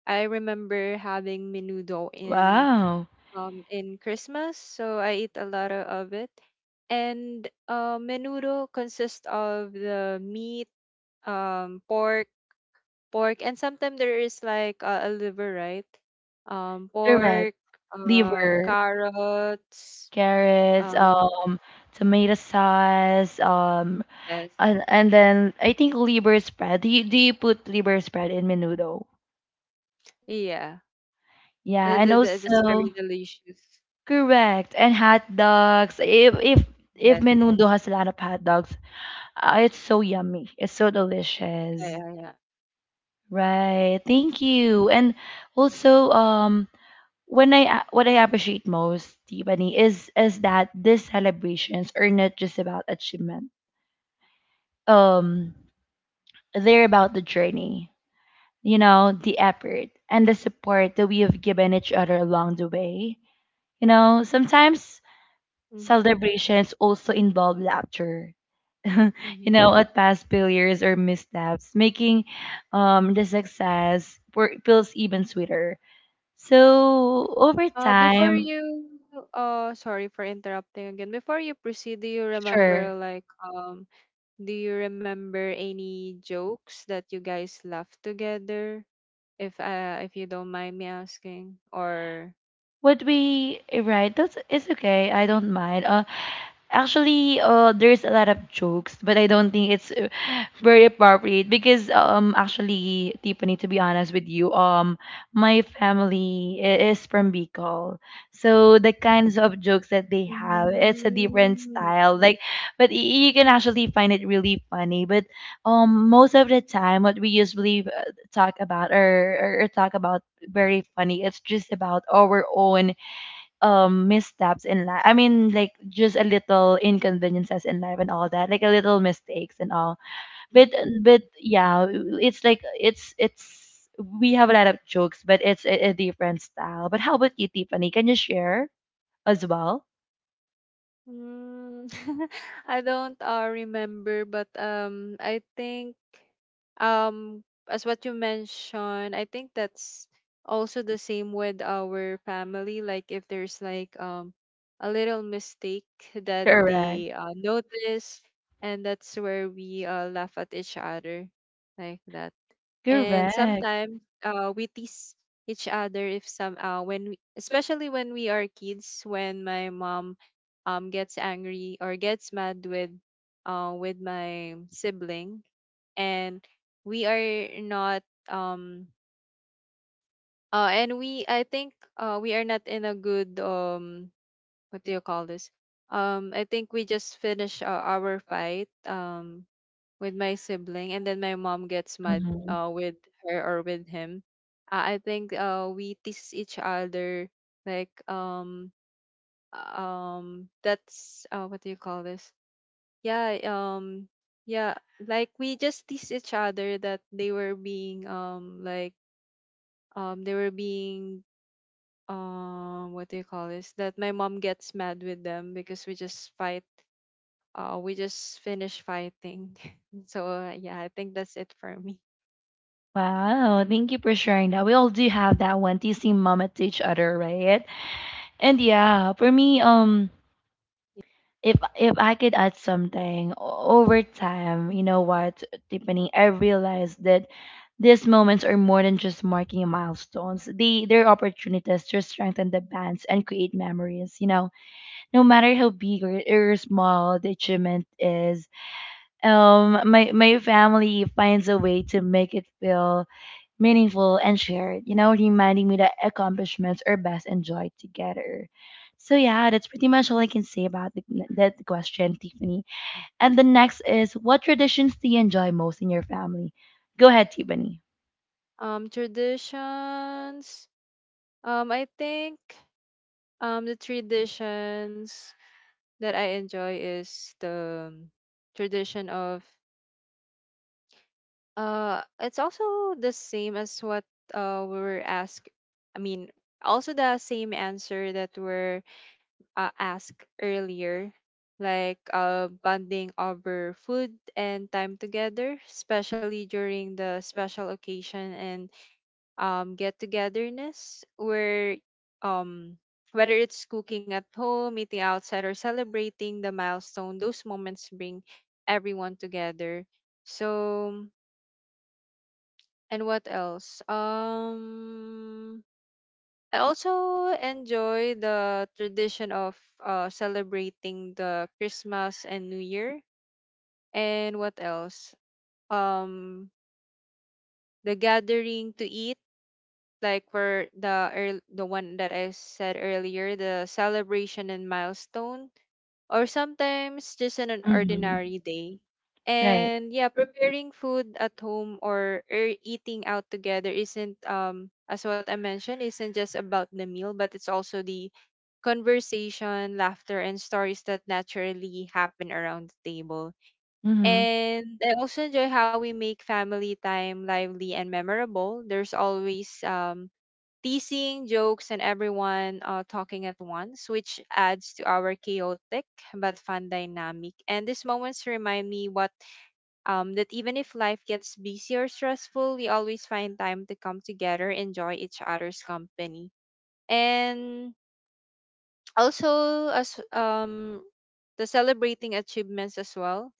[SPEAKER 2] I remember having menudo
[SPEAKER 1] Wow,
[SPEAKER 2] in Christmas, so I eat a lot o- of it. And menudo consists of the meat, um, pork, pork, and sometimes there is like a liver, right?
[SPEAKER 1] correct.
[SPEAKER 2] Pork,
[SPEAKER 1] Liver,
[SPEAKER 2] carrots,
[SPEAKER 1] carrots,
[SPEAKER 2] um,
[SPEAKER 1] tomato sauce,
[SPEAKER 2] yes,
[SPEAKER 1] and then I think liver spread. Do you put liver spread in menudo?
[SPEAKER 2] yeah,
[SPEAKER 1] Yeah, and
[SPEAKER 2] it's very
[SPEAKER 1] also.
[SPEAKER 2] delicious.
[SPEAKER 1] Correct. And hot dogs. If
[SPEAKER 2] Yes.
[SPEAKER 1] Menudo has a lot of hot dogs, it's so yummy. It's so
[SPEAKER 2] Yeah,
[SPEAKER 1] delicious.
[SPEAKER 2] yeah, yeah.
[SPEAKER 1] Right. Thank you. And also, what I appreciate most, Tiffany, is that these celebrations are not just about achievement. Um, they're about the journey. You know, the effort and the support that we have given each other along the way. You know, sometimes
[SPEAKER 2] Mm-hmm.
[SPEAKER 1] celebrations also involve laughter you
[SPEAKER 2] Mm-hmm.
[SPEAKER 1] know, at past failures or missteps, making the success for, feels even sweeter.
[SPEAKER 2] Mm-hmm.
[SPEAKER 1] So over
[SPEAKER 2] Uh, before
[SPEAKER 1] time,
[SPEAKER 2] you, sorry for interrupting again. Before you proceed, do you remember
[SPEAKER 1] sure.
[SPEAKER 2] like do you remember any jokes that you guys laughed together? If you don't mind me asking, or
[SPEAKER 1] Right. That's it's okay. I don't mind. Actually, there's a lot of jokes, but I don't think it's very appropriate because actually, Tiffany, to be honest with you, my family is from Bicol, so the kinds of jokes that they have, it's a different
[SPEAKER 2] Mm.
[SPEAKER 1] style. Like, but you can actually find it really funny. But most of the time, what we usually talk about or talk about very funny. It's just about our own missteps in life. I mean, like just a little inconveniences in life and all that, like a little mistakes and all. But yeah, it's like it's we have a lot of jokes, but it's a different style. But how about you, Tiffany? Can you share as well?
[SPEAKER 2] Mm, I don't remember, but I think um, as what you mentioned, I think that's also the same with our family. Like if there's like a little mistake that
[SPEAKER 1] Correct.
[SPEAKER 2] they notice, and that's where we laugh at each other, like that, and
[SPEAKER 1] Correct.
[SPEAKER 2] sometimes we tease each other if some when we, especially when we are kids, when my mom gets angry or gets mad with my sibling, and we are not and we I think we are not in a good what do you call this, I think we just finished our fight with my sibling, and then my mom gets mad
[SPEAKER 1] Mhm.
[SPEAKER 2] with her or with him, I think we tease each other like that's what do you call this, yeah um yeah, like we just tease each other that they were being they were being what do you call this, that my mom gets mad with them because we just fight, we just finish fighting. So yeah, I think that's it for me.
[SPEAKER 1] Wow, thank you for sharing that. We all do have that one teasing mama to each other, right? And yeah, for me, if I could add something over time, you know what, Tiffany, I realized that these moments are more than just marking milestones. They're opportunities to strengthen the bonds and create memories. You know, no matter how big or small the achievement is, my family finds a way to make it feel meaningful and shared. You know, reminding me that accomplishments are best enjoyed together. So yeah, that's pretty much all I can say about that question, Tiffany. And the next is what traditions do you enjoy most in your family? Go ahead, Tiffany.
[SPEAKER 2] Traditions. I think the traditions that I enjoy is the tradition of it's also the same as what we were asked. I mean, also the same answer that were asked earlier, like bonding over food and time together, especially during the special occasion and get togetherness where um whether it's cooking at home, eating outside, or celebrating the milestone, those moments bring everyone together. So, and what else? I also enjoy the tradition of celebrating the Christmas and New Year. And what else? Um, the gathering to eat, like for the earl- the one that I said earlier, the celebration and milestone, or sometimes just on an
[SPEAKER 1] Mm-hmm.
[SPEAKER 2] ordinary day.
[SPEAKER 1] Right.
[SPEAKER 2] And yeah, preparing food at home or eating out together isn't as what I mentioned isn't just about the meal, but it's also the conversation, laughter, and stories that naturally happen around the table.
[SPEAKER 1] Mm-hmm.
[SPEAKER 2] And I also enjoy how we make family time lively and memorable. There's always teasing, jokes, and everyone talking at once, which adds to our chaotic but fun dynamic. And these moments remind me what that even if life gets busy or stressful, we always find time to come together, enjoy each other's company, and also as the celebrating achievements as well,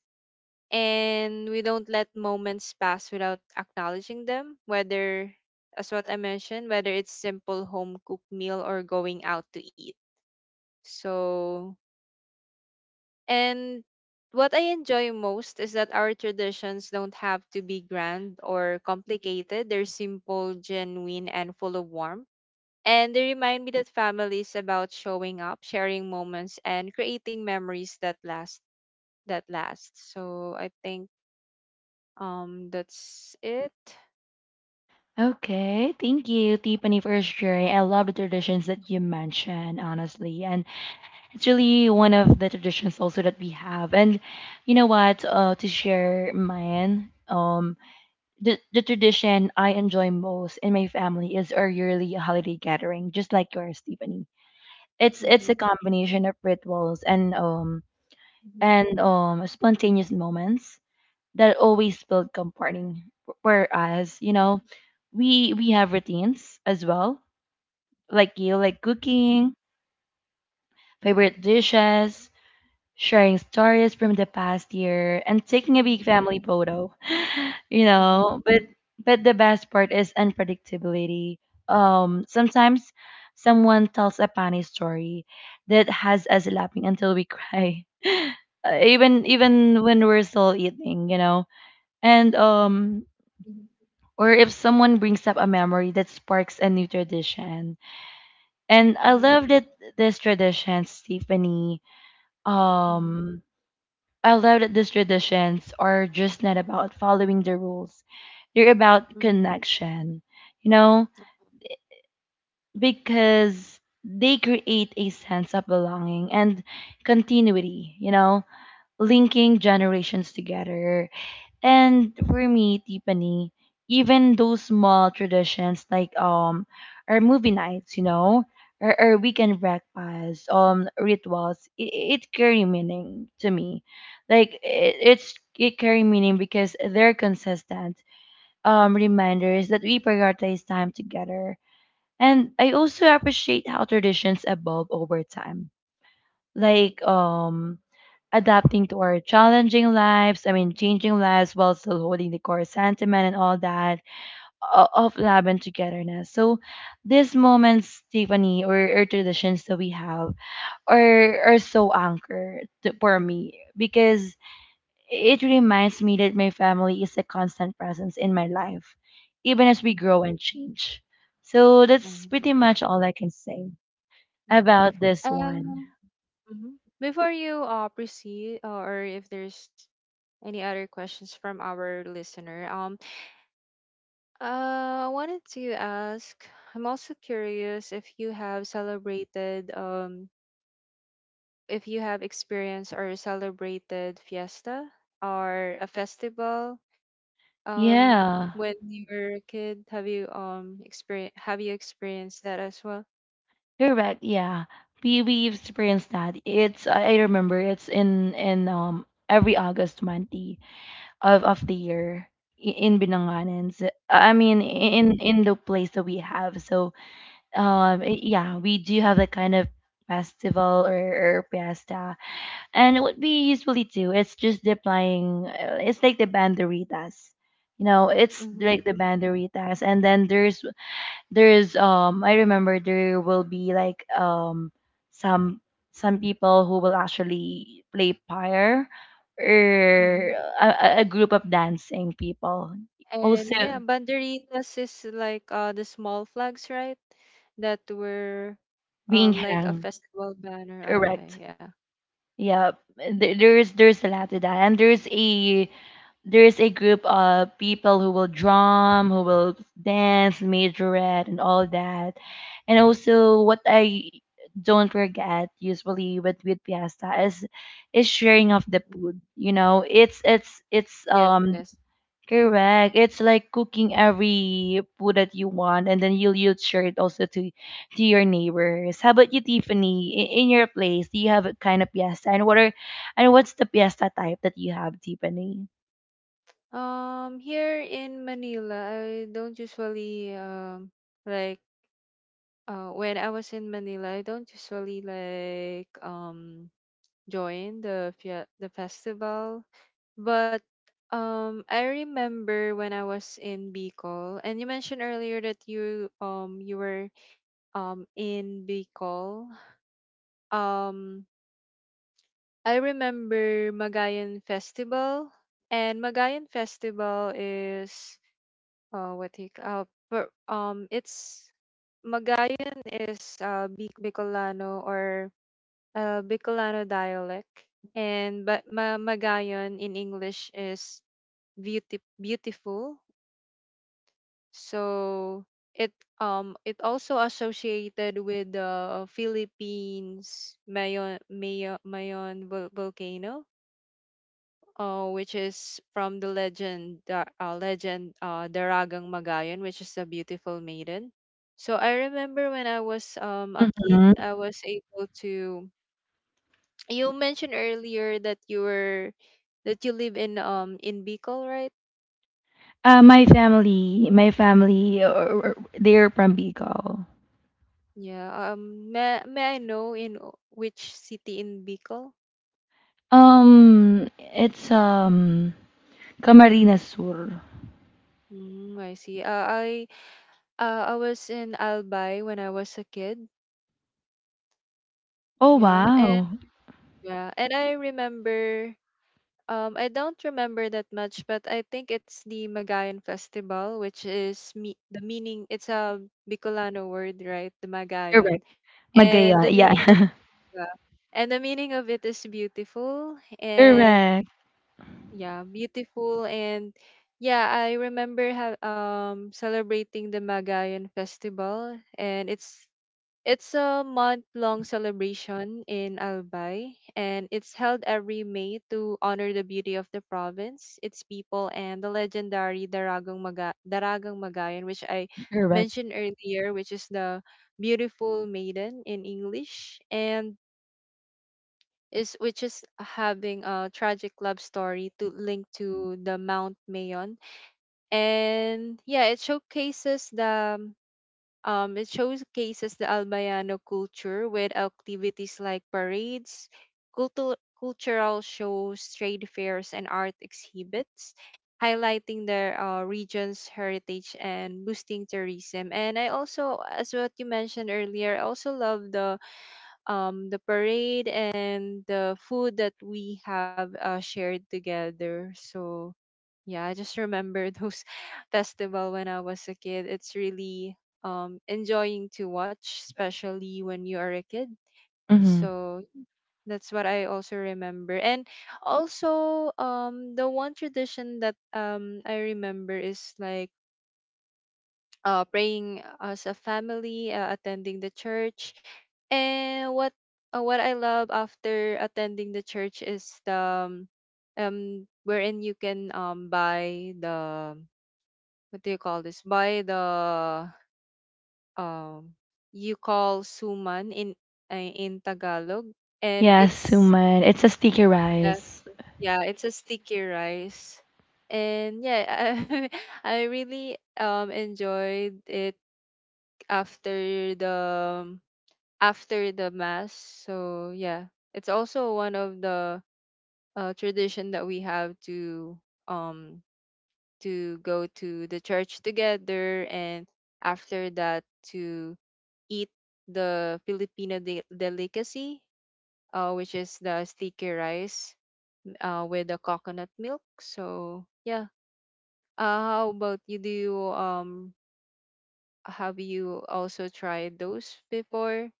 [SPEAKER 2] and we don't let moments pass without acknowledging them, whether as what I mentioned, whether it's simple home cooked meal or going out to eat. So, and what I enjoy most is that our traditions don't have to be grand or complicated, they're simple, genuine, and full of warmth, and they remind me that family is about showing up, sharing moments, and creating memories that last. So I think, um, that's it.
[SPEAKER 1] Okay. Thank you, Tiffany, for sharing. I love the traditions that you mentioned, honestly. And it's really one of the traditions also that we have. And you know what? To share mine, the tradition I enjoy most in my family is our yearly holiday gathering, just like yours, Tiffany. It's
[SPEAKER 2] Mm-hmm.
[SPEAKER 1] a combination of rituals and um
[SPEAKER 2] Mm-hmm.
[SPEAKER 1] and um spontaneous moments that always felt comforting. Whereas, you
[SPEAKER 2] Mm-hmm.
[SPEAKER 1] know, we have routines as well, like you, like cooking, favorite dishes, sharing stories from the past year and taking a
[SPEAKER 2] Mm-hmm.
[SPEAKER 1] big family photo you
[SPEAKER 2] Mm-hmm.
[SPEAKER 1] know. But the best part is unpredictability. Sometimes someone tells a funny story that has us laughing until we cry. Even when we're still eating, you know. And
[SPEAKER 2] Mm-hmm.
[SPEAKER 1] Or if someone brings up a memory that sparks a new tradition. And
[SPEAKER 2] Mm-hmm.
[SPEAKER 1] I love that this tradition, Stephanie,
[SPEAKER 2] Mm-hmm. Mm-hmm.
[SPEAKER 1] um I love that these traditions are just not about following the rules. They're about
[SPEAKER 2] Mhm, mhm,
[SPEAKER 1] connection, you know, because they create a sense of belonging and continuity, you know, linking generations together. And for me, Tiffany, even those small traditions like our movie nights, you know, or weekend breakfasts, um, rituals, it carry meaning to me. Like it's it carry meaning because they're consistent reminders that we prioritize time together. And I also appreciate how traditions evolve over time, like um, adapting to our challenging lives, I mean changing lives, while still holding the core sentiment and all that of love and togetherness. So these moments, Tiffany, or traditions that we have are so anchored to, for me, because it reminds me that my family is a constant presence in my life, even as we
[SPEAKER 2] mhm.
[SPEAKER 1] grow and change. So that's pretty much all I can say about this one.
[SPEAKER 2] Um, mhm. Before you proceed, or if there's any other questions from our listener, I wanted to ask. I'm also curious if you have celebrated if you have experienced or celebrated fiesta or a festival
[SPEAKER 1] Yeah,
[SPEAKER 2] when you were a kid, have you experience have you experienced that as well?
[SPEAKER 1] correct. Yeah, we experienced that. It's I remember it's in every August 20 of the year in Binanganan. So, I mean in
[SPEAKER 2] Mm-hmm.
[SPEAKER 1] in the place that we have. So yeah, we do have that kind of festival or fiesta. And what we usually do, it's just deploying it's like the banderitas, you know, it's like the
[SPEAKER 2] Mm-hmm.
[SPEAKER 1] banderitas. And then there's I remember there will be like some some people who will actually play pyre or
[SPEAKER 2] Mm-hmm.
[SPEAKER 1] a group of dancing people. Also
[SPEAKER 2] And yeah, banderitas is like the small flags, right, that were
[SPEAKER 1] being
[SPEAKER 2] like a
[SPEAKER 1] hang.
[SPEAKER 2] festival banner.
[SPEAKER 1] Correct.
[SPEAKER 2] Okay, yeah.
[SPEAKER 1] Yeah, there's a lot to that, and there's a group of people who will drum, who will dance, majorette, and all that. And also, what I don't forget usually with fiesta is sharing of
[SPEAKER 2] Mhm.
[SPEAKER 1] the food. You know, it's it's it's
[SPEAKER 2] Yes,
[SPEAKER 1] um
[SPEAKER 2] yes.
[SPEAKER 1] correct. It's like cooking every food that you want, and then you'll share it also to your neighbors. How about you, Tiffany? In your place, do you have a kind of fiesta, and what are and what's the fiesta type that you have, Tiffany?
[SPEAKER 2] Um, here in manila, I don't usually like when I was in Manila, I don't usually like join the fia- the festival, but I remember when I was in Bicol, and you mentioned earlier that you you were in Bicol. Um, I remember Magayan Festival, and Magayan Festival is what do you c- per, it's Magayan is Bicolano or Bicolano dialect, and but ma- Magayon in English is beauty beautiful. So it it also associated with the Philippines Mayon vol- volcano, which is from the legend Daragang Magayon, which is a beautiful maiden. So I remember when I was a
[SPEAKER 1] Hmm.
[SPEAKER 2] kid, I was able to You mentioned earlier that you were that you live in Bicol, right?
[SPEAKER 1] My family, they're from Bicol.
[SPEAKER 2] Yeah. Um, may I know in o- which city in Bicol?
[SPEAKER 1] Um, it's Camarines Sur.
[SPEAKER 2] Mm, I see. I was in Albay when I was a kid.
[SPEAKER 1] Oh
[SPEAKER 2] Yeah.
[SPEAKER 1] wow,
[SPEAKER 2] And yeah, and I remember I don't remember that much, but I think it's the Magayan Festival, which is me the meaning it's a Bicolano word, right? The Magayan.
[SPEAKER 1] correct.
[SPEAKER 2] And
[SPEAKER 1] Magayan,
[SPEAKER 2] the
[SPEAKER 1] yeah.
[SPEAKER 2] meaning Yeah. And the meaning of it is
[SPEAKER 1] Correct,
[SPEAKER 2] beautiful and yeah, I remember ha- celebrating the Magayan Festival, and it's a month-long celebration in Albay, and it's held every May to honor the beauty of the province, its people, and the legendary Daragang Maga- Daragang Magayan, which I
[SPEAKER 1] correct.
[SPEAKER 2] mentioned earlier, which is the beautiful maiden in English, and is which is having a tragic love story to link to the Mount Mayon. And yeah, it showcases the Albayano culture with activities like parades, cultu- cultural shows, trade fairs, and art exhibits, highlighting their region's heritage and boosting tourism. And I also, as what you mentioned earlier, I also love the parade and the food that we have shared together. So yeah, I just remember those festival when I was a kid. It's really enjoying to watch, especially when you are a kid. So that's what I also remember. And also, the one tradition that I remember is like praying as a family, attending the church, and what I love after attending the church is the wherein you can buy the what do you call this? Buy the um you call suman in Tagalog, and
[SPEAKER 1] Yeah,
[SPEAKER 2] it's
[SPEAKER 1] suman. It's a sticky
[SPEAKER 2] yeah,
[SPEAKER 1] rice.
[SPEAKER 2] yeah, it's a sticky rice. And yeah, I really enjoyed it after the um, after the mass. So yeah, it's also one of the tradition that we have um to go to the church together, and after that to eat the Filipino delicacy, which is the sticky rice with the coconut milk. So yeah, how about you? Do you have you also tried those before?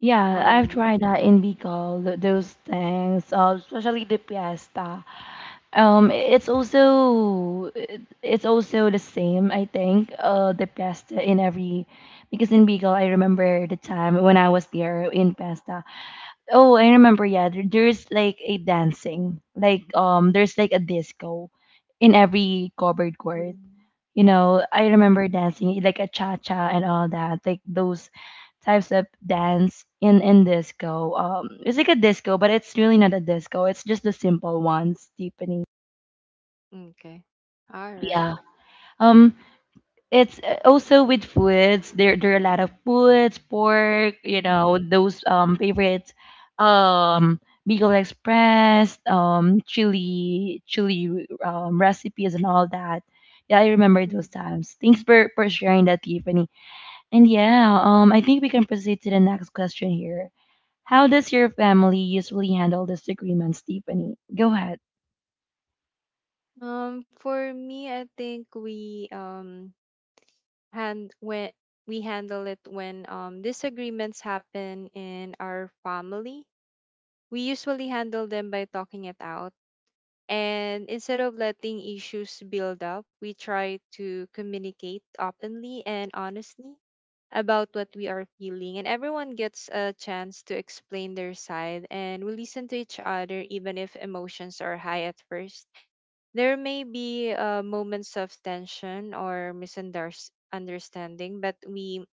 [SPEAKER 1] Yeah, I've
[SPEAKER 2] Um.
[SPEAKER 1] tried that in Bicol, those things, especially the piesta. It's also it's also the same, I think, the piesta in every, because in Bicol, I remember the time when I was there in piesta. Oh, I remember, yeah, there's like a dancing, like there's like a disco in every covered court. You know, I remember dancing like a cha cha and all that, like those types of dance in disco. It's like a disco, but it's really not a disco. It's just the simple ones, Tiffany.
[SPEAKER 2] Okay. All right.
[SPEAKER 1] Yeah. Um, it's also with foods. There are a lot of foods, pork, you
[SPEAKER 2] Mhm.
[SPEAKER 1] know, those favorites. Um, Beagle Express, chili recipes and all that. Yeah, I remember those
[SPEAKER 2] Mhm.
[SPEAKER 1] times. Thanks for sharing that, Tiffany. And yeah, I think we can proceed to the next question here. How does your family usually handle disagreements, Tiffany? Go ahead.
[SPEAKER 2] For me, I think we hand when we handle it when disagreements happen in our family. We usually handle them by talking it out. And instead of letting issues build up, we try to communicate openly and honestly about what we are feeling. And everyone gets a chance to explain their side, and we listen to each other even if emotions are high at first. There may be moments of tension or misunderstanding, but we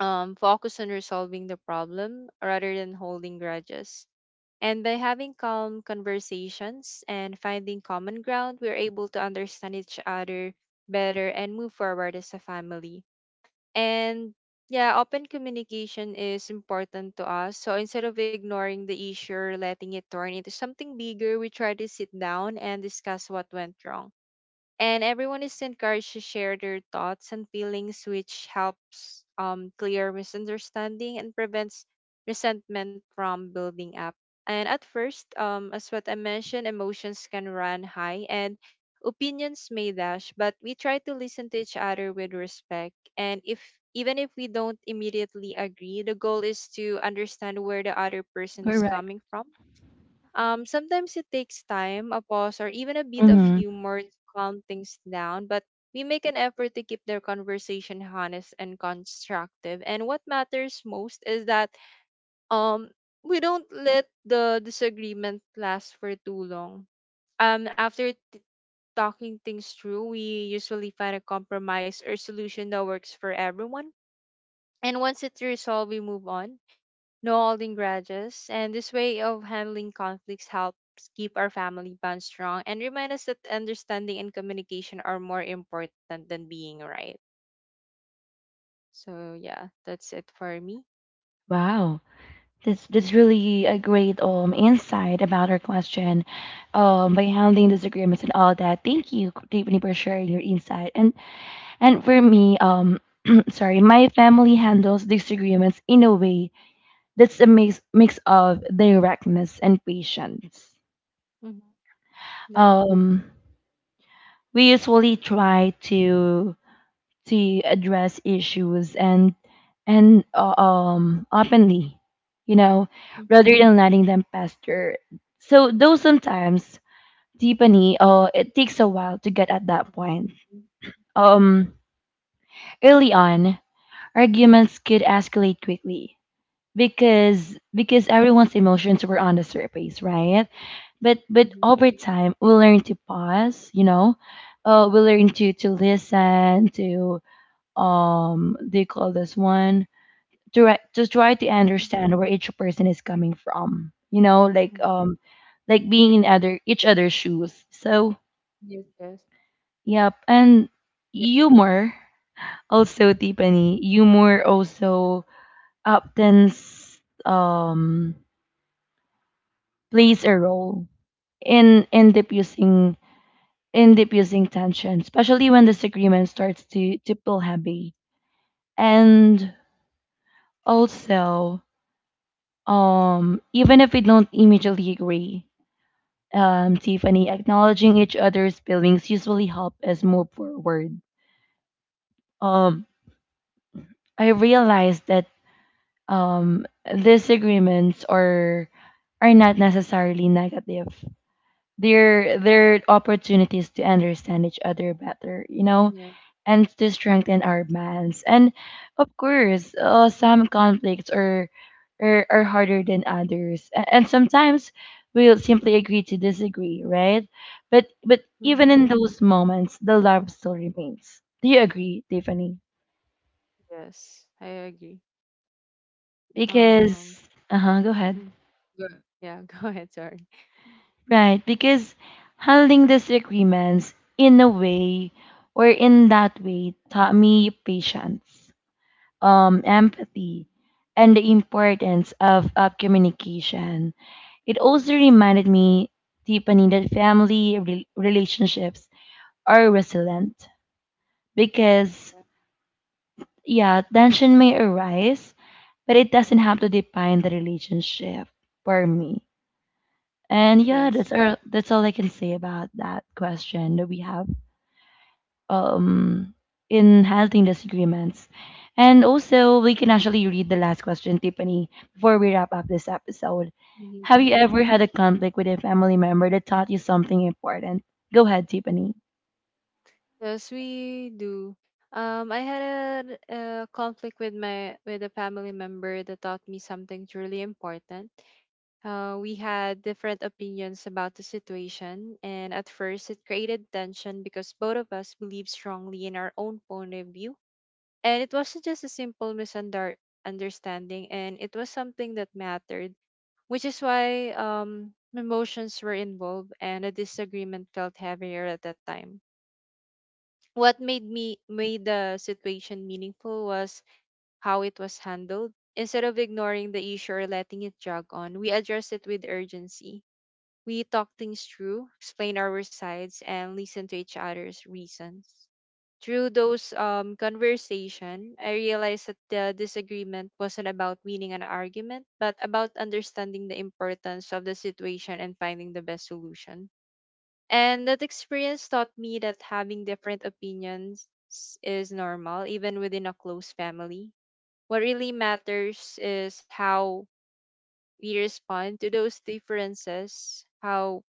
[SPEAKER 2] focus on resolving the problem rather than holding grudges, and by having calm conversations and finding common ground, we're able to understand each other better and move forward as a family. And yeah, open communication is important to us. So instead of ignoring the issue or letting it turn into something bigger, we try to sit down and discuss what went wrong, and everyone is encouraged to share their thoughts and feelings, which helps clear misunderstanding and prevents resentment from building up. And at first, as what I mentioned, emotions can run high and opinions may dash, but we try to listen to each other with respect. And if even if we don't immediately agree, the goal is to understand where the other person is
[SPEAKER 1] Correct.
[SPEAKER 2] coming from. Sometimes it takes time, a pause, or even a bit of
[SPEAKER 1] Hmm.
[SPEAKER 2] humor to calm things down, but we make an effort to keep their conversation honest and constructive. And what matters most is that um, we don't let the disagreement last for too long. After talking things through, we usually find a compromise or solution that works for everyone. And once it's resolved, we move on, no holding grudges, and this way of handling conflicts helps keep our family bond strong and remind us that understanding and communication are more important than being right. So yeah, that's it for me.
[SPEAKER 1] Wow. That's really a great insight about our question, by handling disagreements and all that. Thank you, Tiffany, for sharing your insight. And for me, sorry, my family handles disagreements in a way that's a mix of directness and patience.
[SPEAKER 2] Mm-hmm. No.
[SPEAKER 1] Um, we usually try to address issues and openly, you know,
[SPEAKER 2] Mm-hmm.
[SPEAKER 1] rather than letting them fester. So though sometimes deepening uh, it takes a while to get at that point, um, early on arguments could escalate quickly because everyone's emotions were on the surface, right? But
[SPEAKER 2] Mm-hmm.
[SPEAKER 1] over time we learn to pause, you know, we learn to listen to um, they call this one, to to try to
[SPEAKER 2] Mm-hmm.
[SPEAKER 1] understand where each person is coming from, you know, like
[SPEAKER 2] Mm-hmm.
[SPEAKER 1] um, like being in other each other's shoes. So
[SPEAKER 2] Yes. Yes.
[SPEAKER 1] yep. And
[SPEAKER 2] Yeah.
[SPEAKER 1] humor also, Tiffany, humor also often um plays a role in in diffusing in diffusing tension, especially when disagreement starts to feel heavy. And also, even if we don't immediately agree, Tiffany, acknowledging each other's feelings usually help us move forward. Um, I realized that disagreements are not necessarily negative. They're opportunities to understand each other better. You know,
[SPEAKER 2] Yeah.
[SPEAKER 1] and to strengthen our bonds. And of course, some conflicts are harder than others, and sometimes we'll simply agree to disagree, right? But even
[SPEAKER 2] Mm-hmm.
[SPEAKER 1] in those moments, the love still remains. Do you agree, Tiffany?
[SPEAKER 2] Yes, I agree. Um,
[SPEAKER 1] Because uh huh, go ahead.
[SPEAKER 2] mm, Good. Yeah, go ahead. Sorry.
[SPEAKER 1] Right, because handling disagreements in a way or in that way taught me patience, empathy, and the importance of communication. It also reminded me, Tiffany, that family relationships are resilient
[SPEAKER 2] Mm.
[SPEAKER 1] because,
[SPEAKER 2] Yeah.
[SPEAKER 1] yeah, tension may arise, but it doesn't have to define the relationship for me. And yeah,
[SPEAKER 2] Yes.
[SPEAKER 1] that's all I can say about that question that we have, um, in handling disagreements. And also, we can actually read the last question, Tiffany, before we wrap up this episode. Have you
[SPEAKER 2] Mm-hmm.
[SPEAKER 1] ever had a conflict with a family member that taught you something important? Go ahead, Tiffany.
[SPEAKER 2] Yes, we do. I had a conflict with my with a family member that taught me something truly important. We had different opinions about the situation, and at first it created tension because both of us believed strongly in our own point of view. And it wasn't just a simple misunderstanding, and it was something that mattered, which is why emotions were involved, and a disagreement felt heavier at that time. What made me made the situation meaningful was how it was handled. Instead of ignoring the issue or letting it jog on, we addressed it with urgency. We talked things through, explained our sides, and listened to each other's reasons. Through those conversation, I realized that the disagreement wasn't about winning an argument, but about understanding the importance of the situation and finding the best solution. And that experience taught me that having different opinions is normal, even within a close family. What really matters is how we respond to those differences, how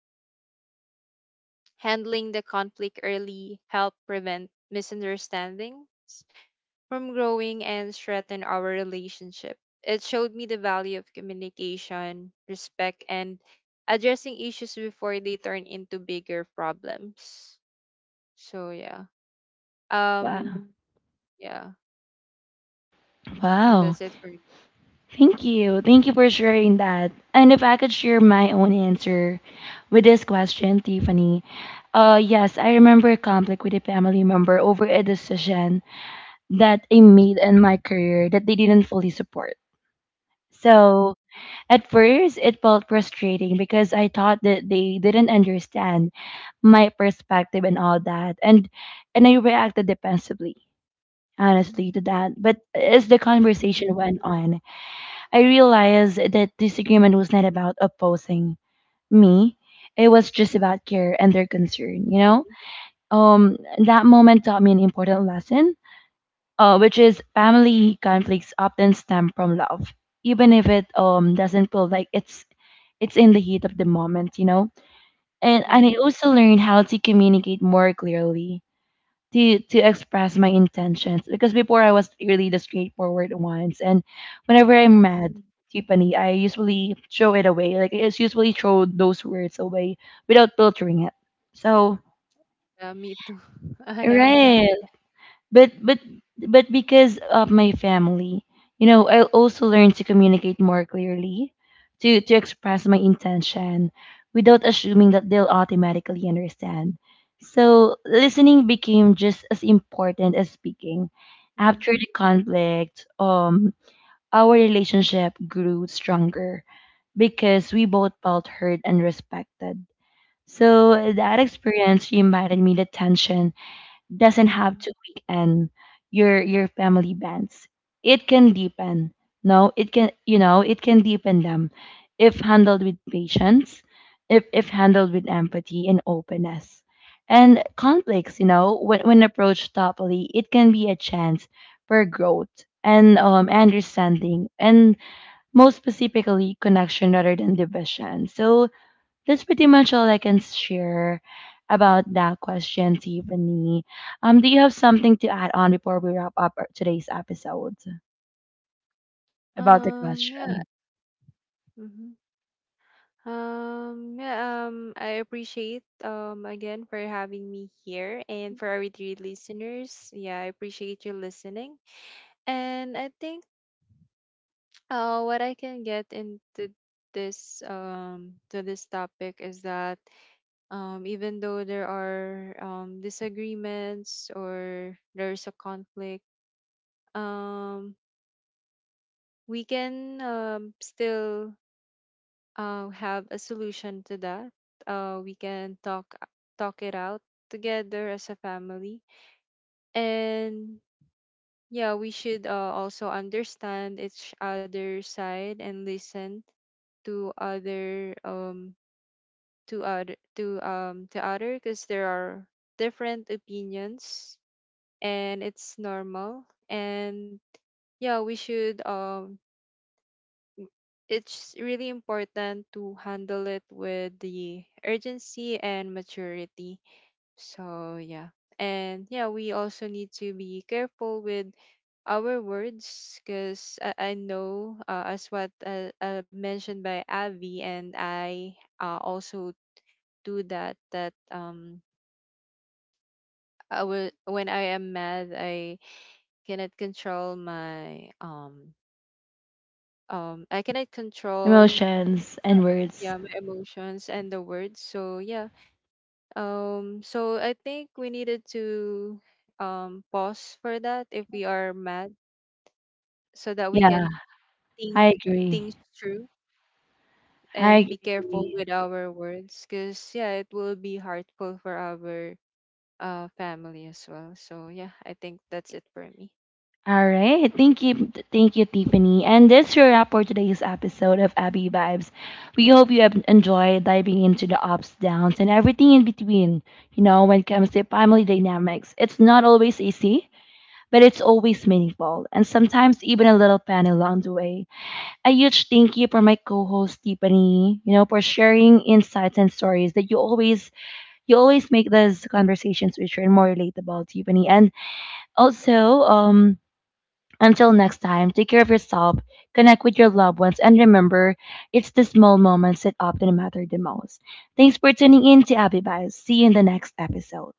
[SPEAKER 2] handling the conflict early help prevent misunderstandings from growing and strengthen our relationship. It showed me the value of communication, respect, and addressing issues before they turn into bigger problems. So, yeah. Um,
[SPEAKER 1] Wow.
[SPEAKER 2] yeah, that's
[SPEAKER 1] Wow.
[SPEAKER 2] it for me.
[SPEAKER 1] Thank you. Thank you for sharing that. And if I could share my own answer with this question, Tiffany. Yes, I remember a conflict with a family member over a decision that I made in my career that they didn't fully support.
[SPEAKER 2] Mm-hmm.
[SPEAKER 1] So at first, it felt frustrating because I thought that they didn't understand my perspective and all that, and I reacted defensively, honestly, to that. But as the conversation
[SPEAKER 2] Mm-hmm.
[SPEAKER 1] went on, I realized that disagreement was not about opposing me; it was just about care and their concern. You know,
[SPEAKER 2] Mm-hmm.
[SPEAKER 1] um, that moment taught me an important lesson, which is family conflicts often stem from love, even if it doesn't feel like it's in the heat of the moment, you know. And I
[SPEAKER 2] Mm-hmm.
[SPEAKER 1] also learned how to communicate more clearly to express my intentions because before I was really the straightforward ones, and whenever I'm
[SPEAKER 2] Mm-hmm.
[SPEAKER 1] mad. Tiffany, I usually throw it away. Like I just usually throw those words away without filtering it. So
[SPEAKER 2] Yeah, me too. I have that.
[SPEAKER 1] right. but but but because of my family, you know, I also learned to communicate more clearly to express my intention without assuming that they'll automatically understand. So listening became just as important as speaking.
[SPEAKER 2] Mm-hmm.
[SPEAKER 1] After the conflict, our relationship grew stronger because we both felt heard and respected. So that experience reminded me that tension doesn't have
[SPEAKER 2] Mm-hmm.
[SPEAKER 1] to weaken your family bands. It can deepen. No, it can, you know, it can deepen them if handled with patience, if handled with empathy and openness. And conflicts, you know, when approached thoughtfully, it can be a chance for growth and understanding, and most specifically, connection rather than division. So, that's pretty much all I can share about that question, Tiffany. Do you have something to add on before we wrap up our- today's episode about the
[SPEAKER 2] Yeah.
[SPEAKER 1] question?
[SPEAKER 2] Mm-hmm. Yeah, I appreciate again for having me here and for our three listeners. Yeah, I appreciate you listening. And I think what I can get into this to this topic is that even though there are disagreements or there's a conflict, um, we can still have a solution to that. We can talk it out together as a family, and yeah, we should also understand each other's side and listen to other to other because there are different opinions and it's normal. And yeah, we should it's really important to handle it with the urgency and maturity. So yeah. And yeah, we also need to be careful with our words because I know as what mentioned by Avi, and I also do that I will, when I am mad, I cannot control my I cannot control,
[SPEAKER 1] Emotions
[SPEAKER 2] so
[SPEAKER 1] and words.
[SPEAKER 2] yeah, my emotions and the words. So yeah, so I think we needed to pause for that if we are mad so that we
[SPEAKER 1] Yeah,
[SPEAKER 2] can
[SPEAKER 1] I
[SPEAKER 2] think
[SPEAKER 1] agree.
[SPEAKER 2] things through
[SPEAKER 1] I
[SPEAKER 2] and be careful
[SPEAKER 1] agree.
[SPEAKER 2] with our words because yeah it will be hurtful for our family as well. So yeah, I think that's it for me.
[SPEAKER 1] All right. Thank you. Thank you, Tiffany. And that's your wrap for today's episode of Abby Vibes. We hope you have enjoyed diving into the ups, downs, and everything in between. You know, when it comes to family dynamics, it's not always easy but it's always meaningful and sometimes even a little fun along the way. A huge thank you for my co-host Tiffany, you know, for sharing insights and stories that you always make those conversations richer and more relatable, Tiffany. And also, until next time, take care of yourself, connect with your loved ones, and remember it's the small moments that often matter the most. Thanks for tuning in to Abby Vibes. See you in the next episode.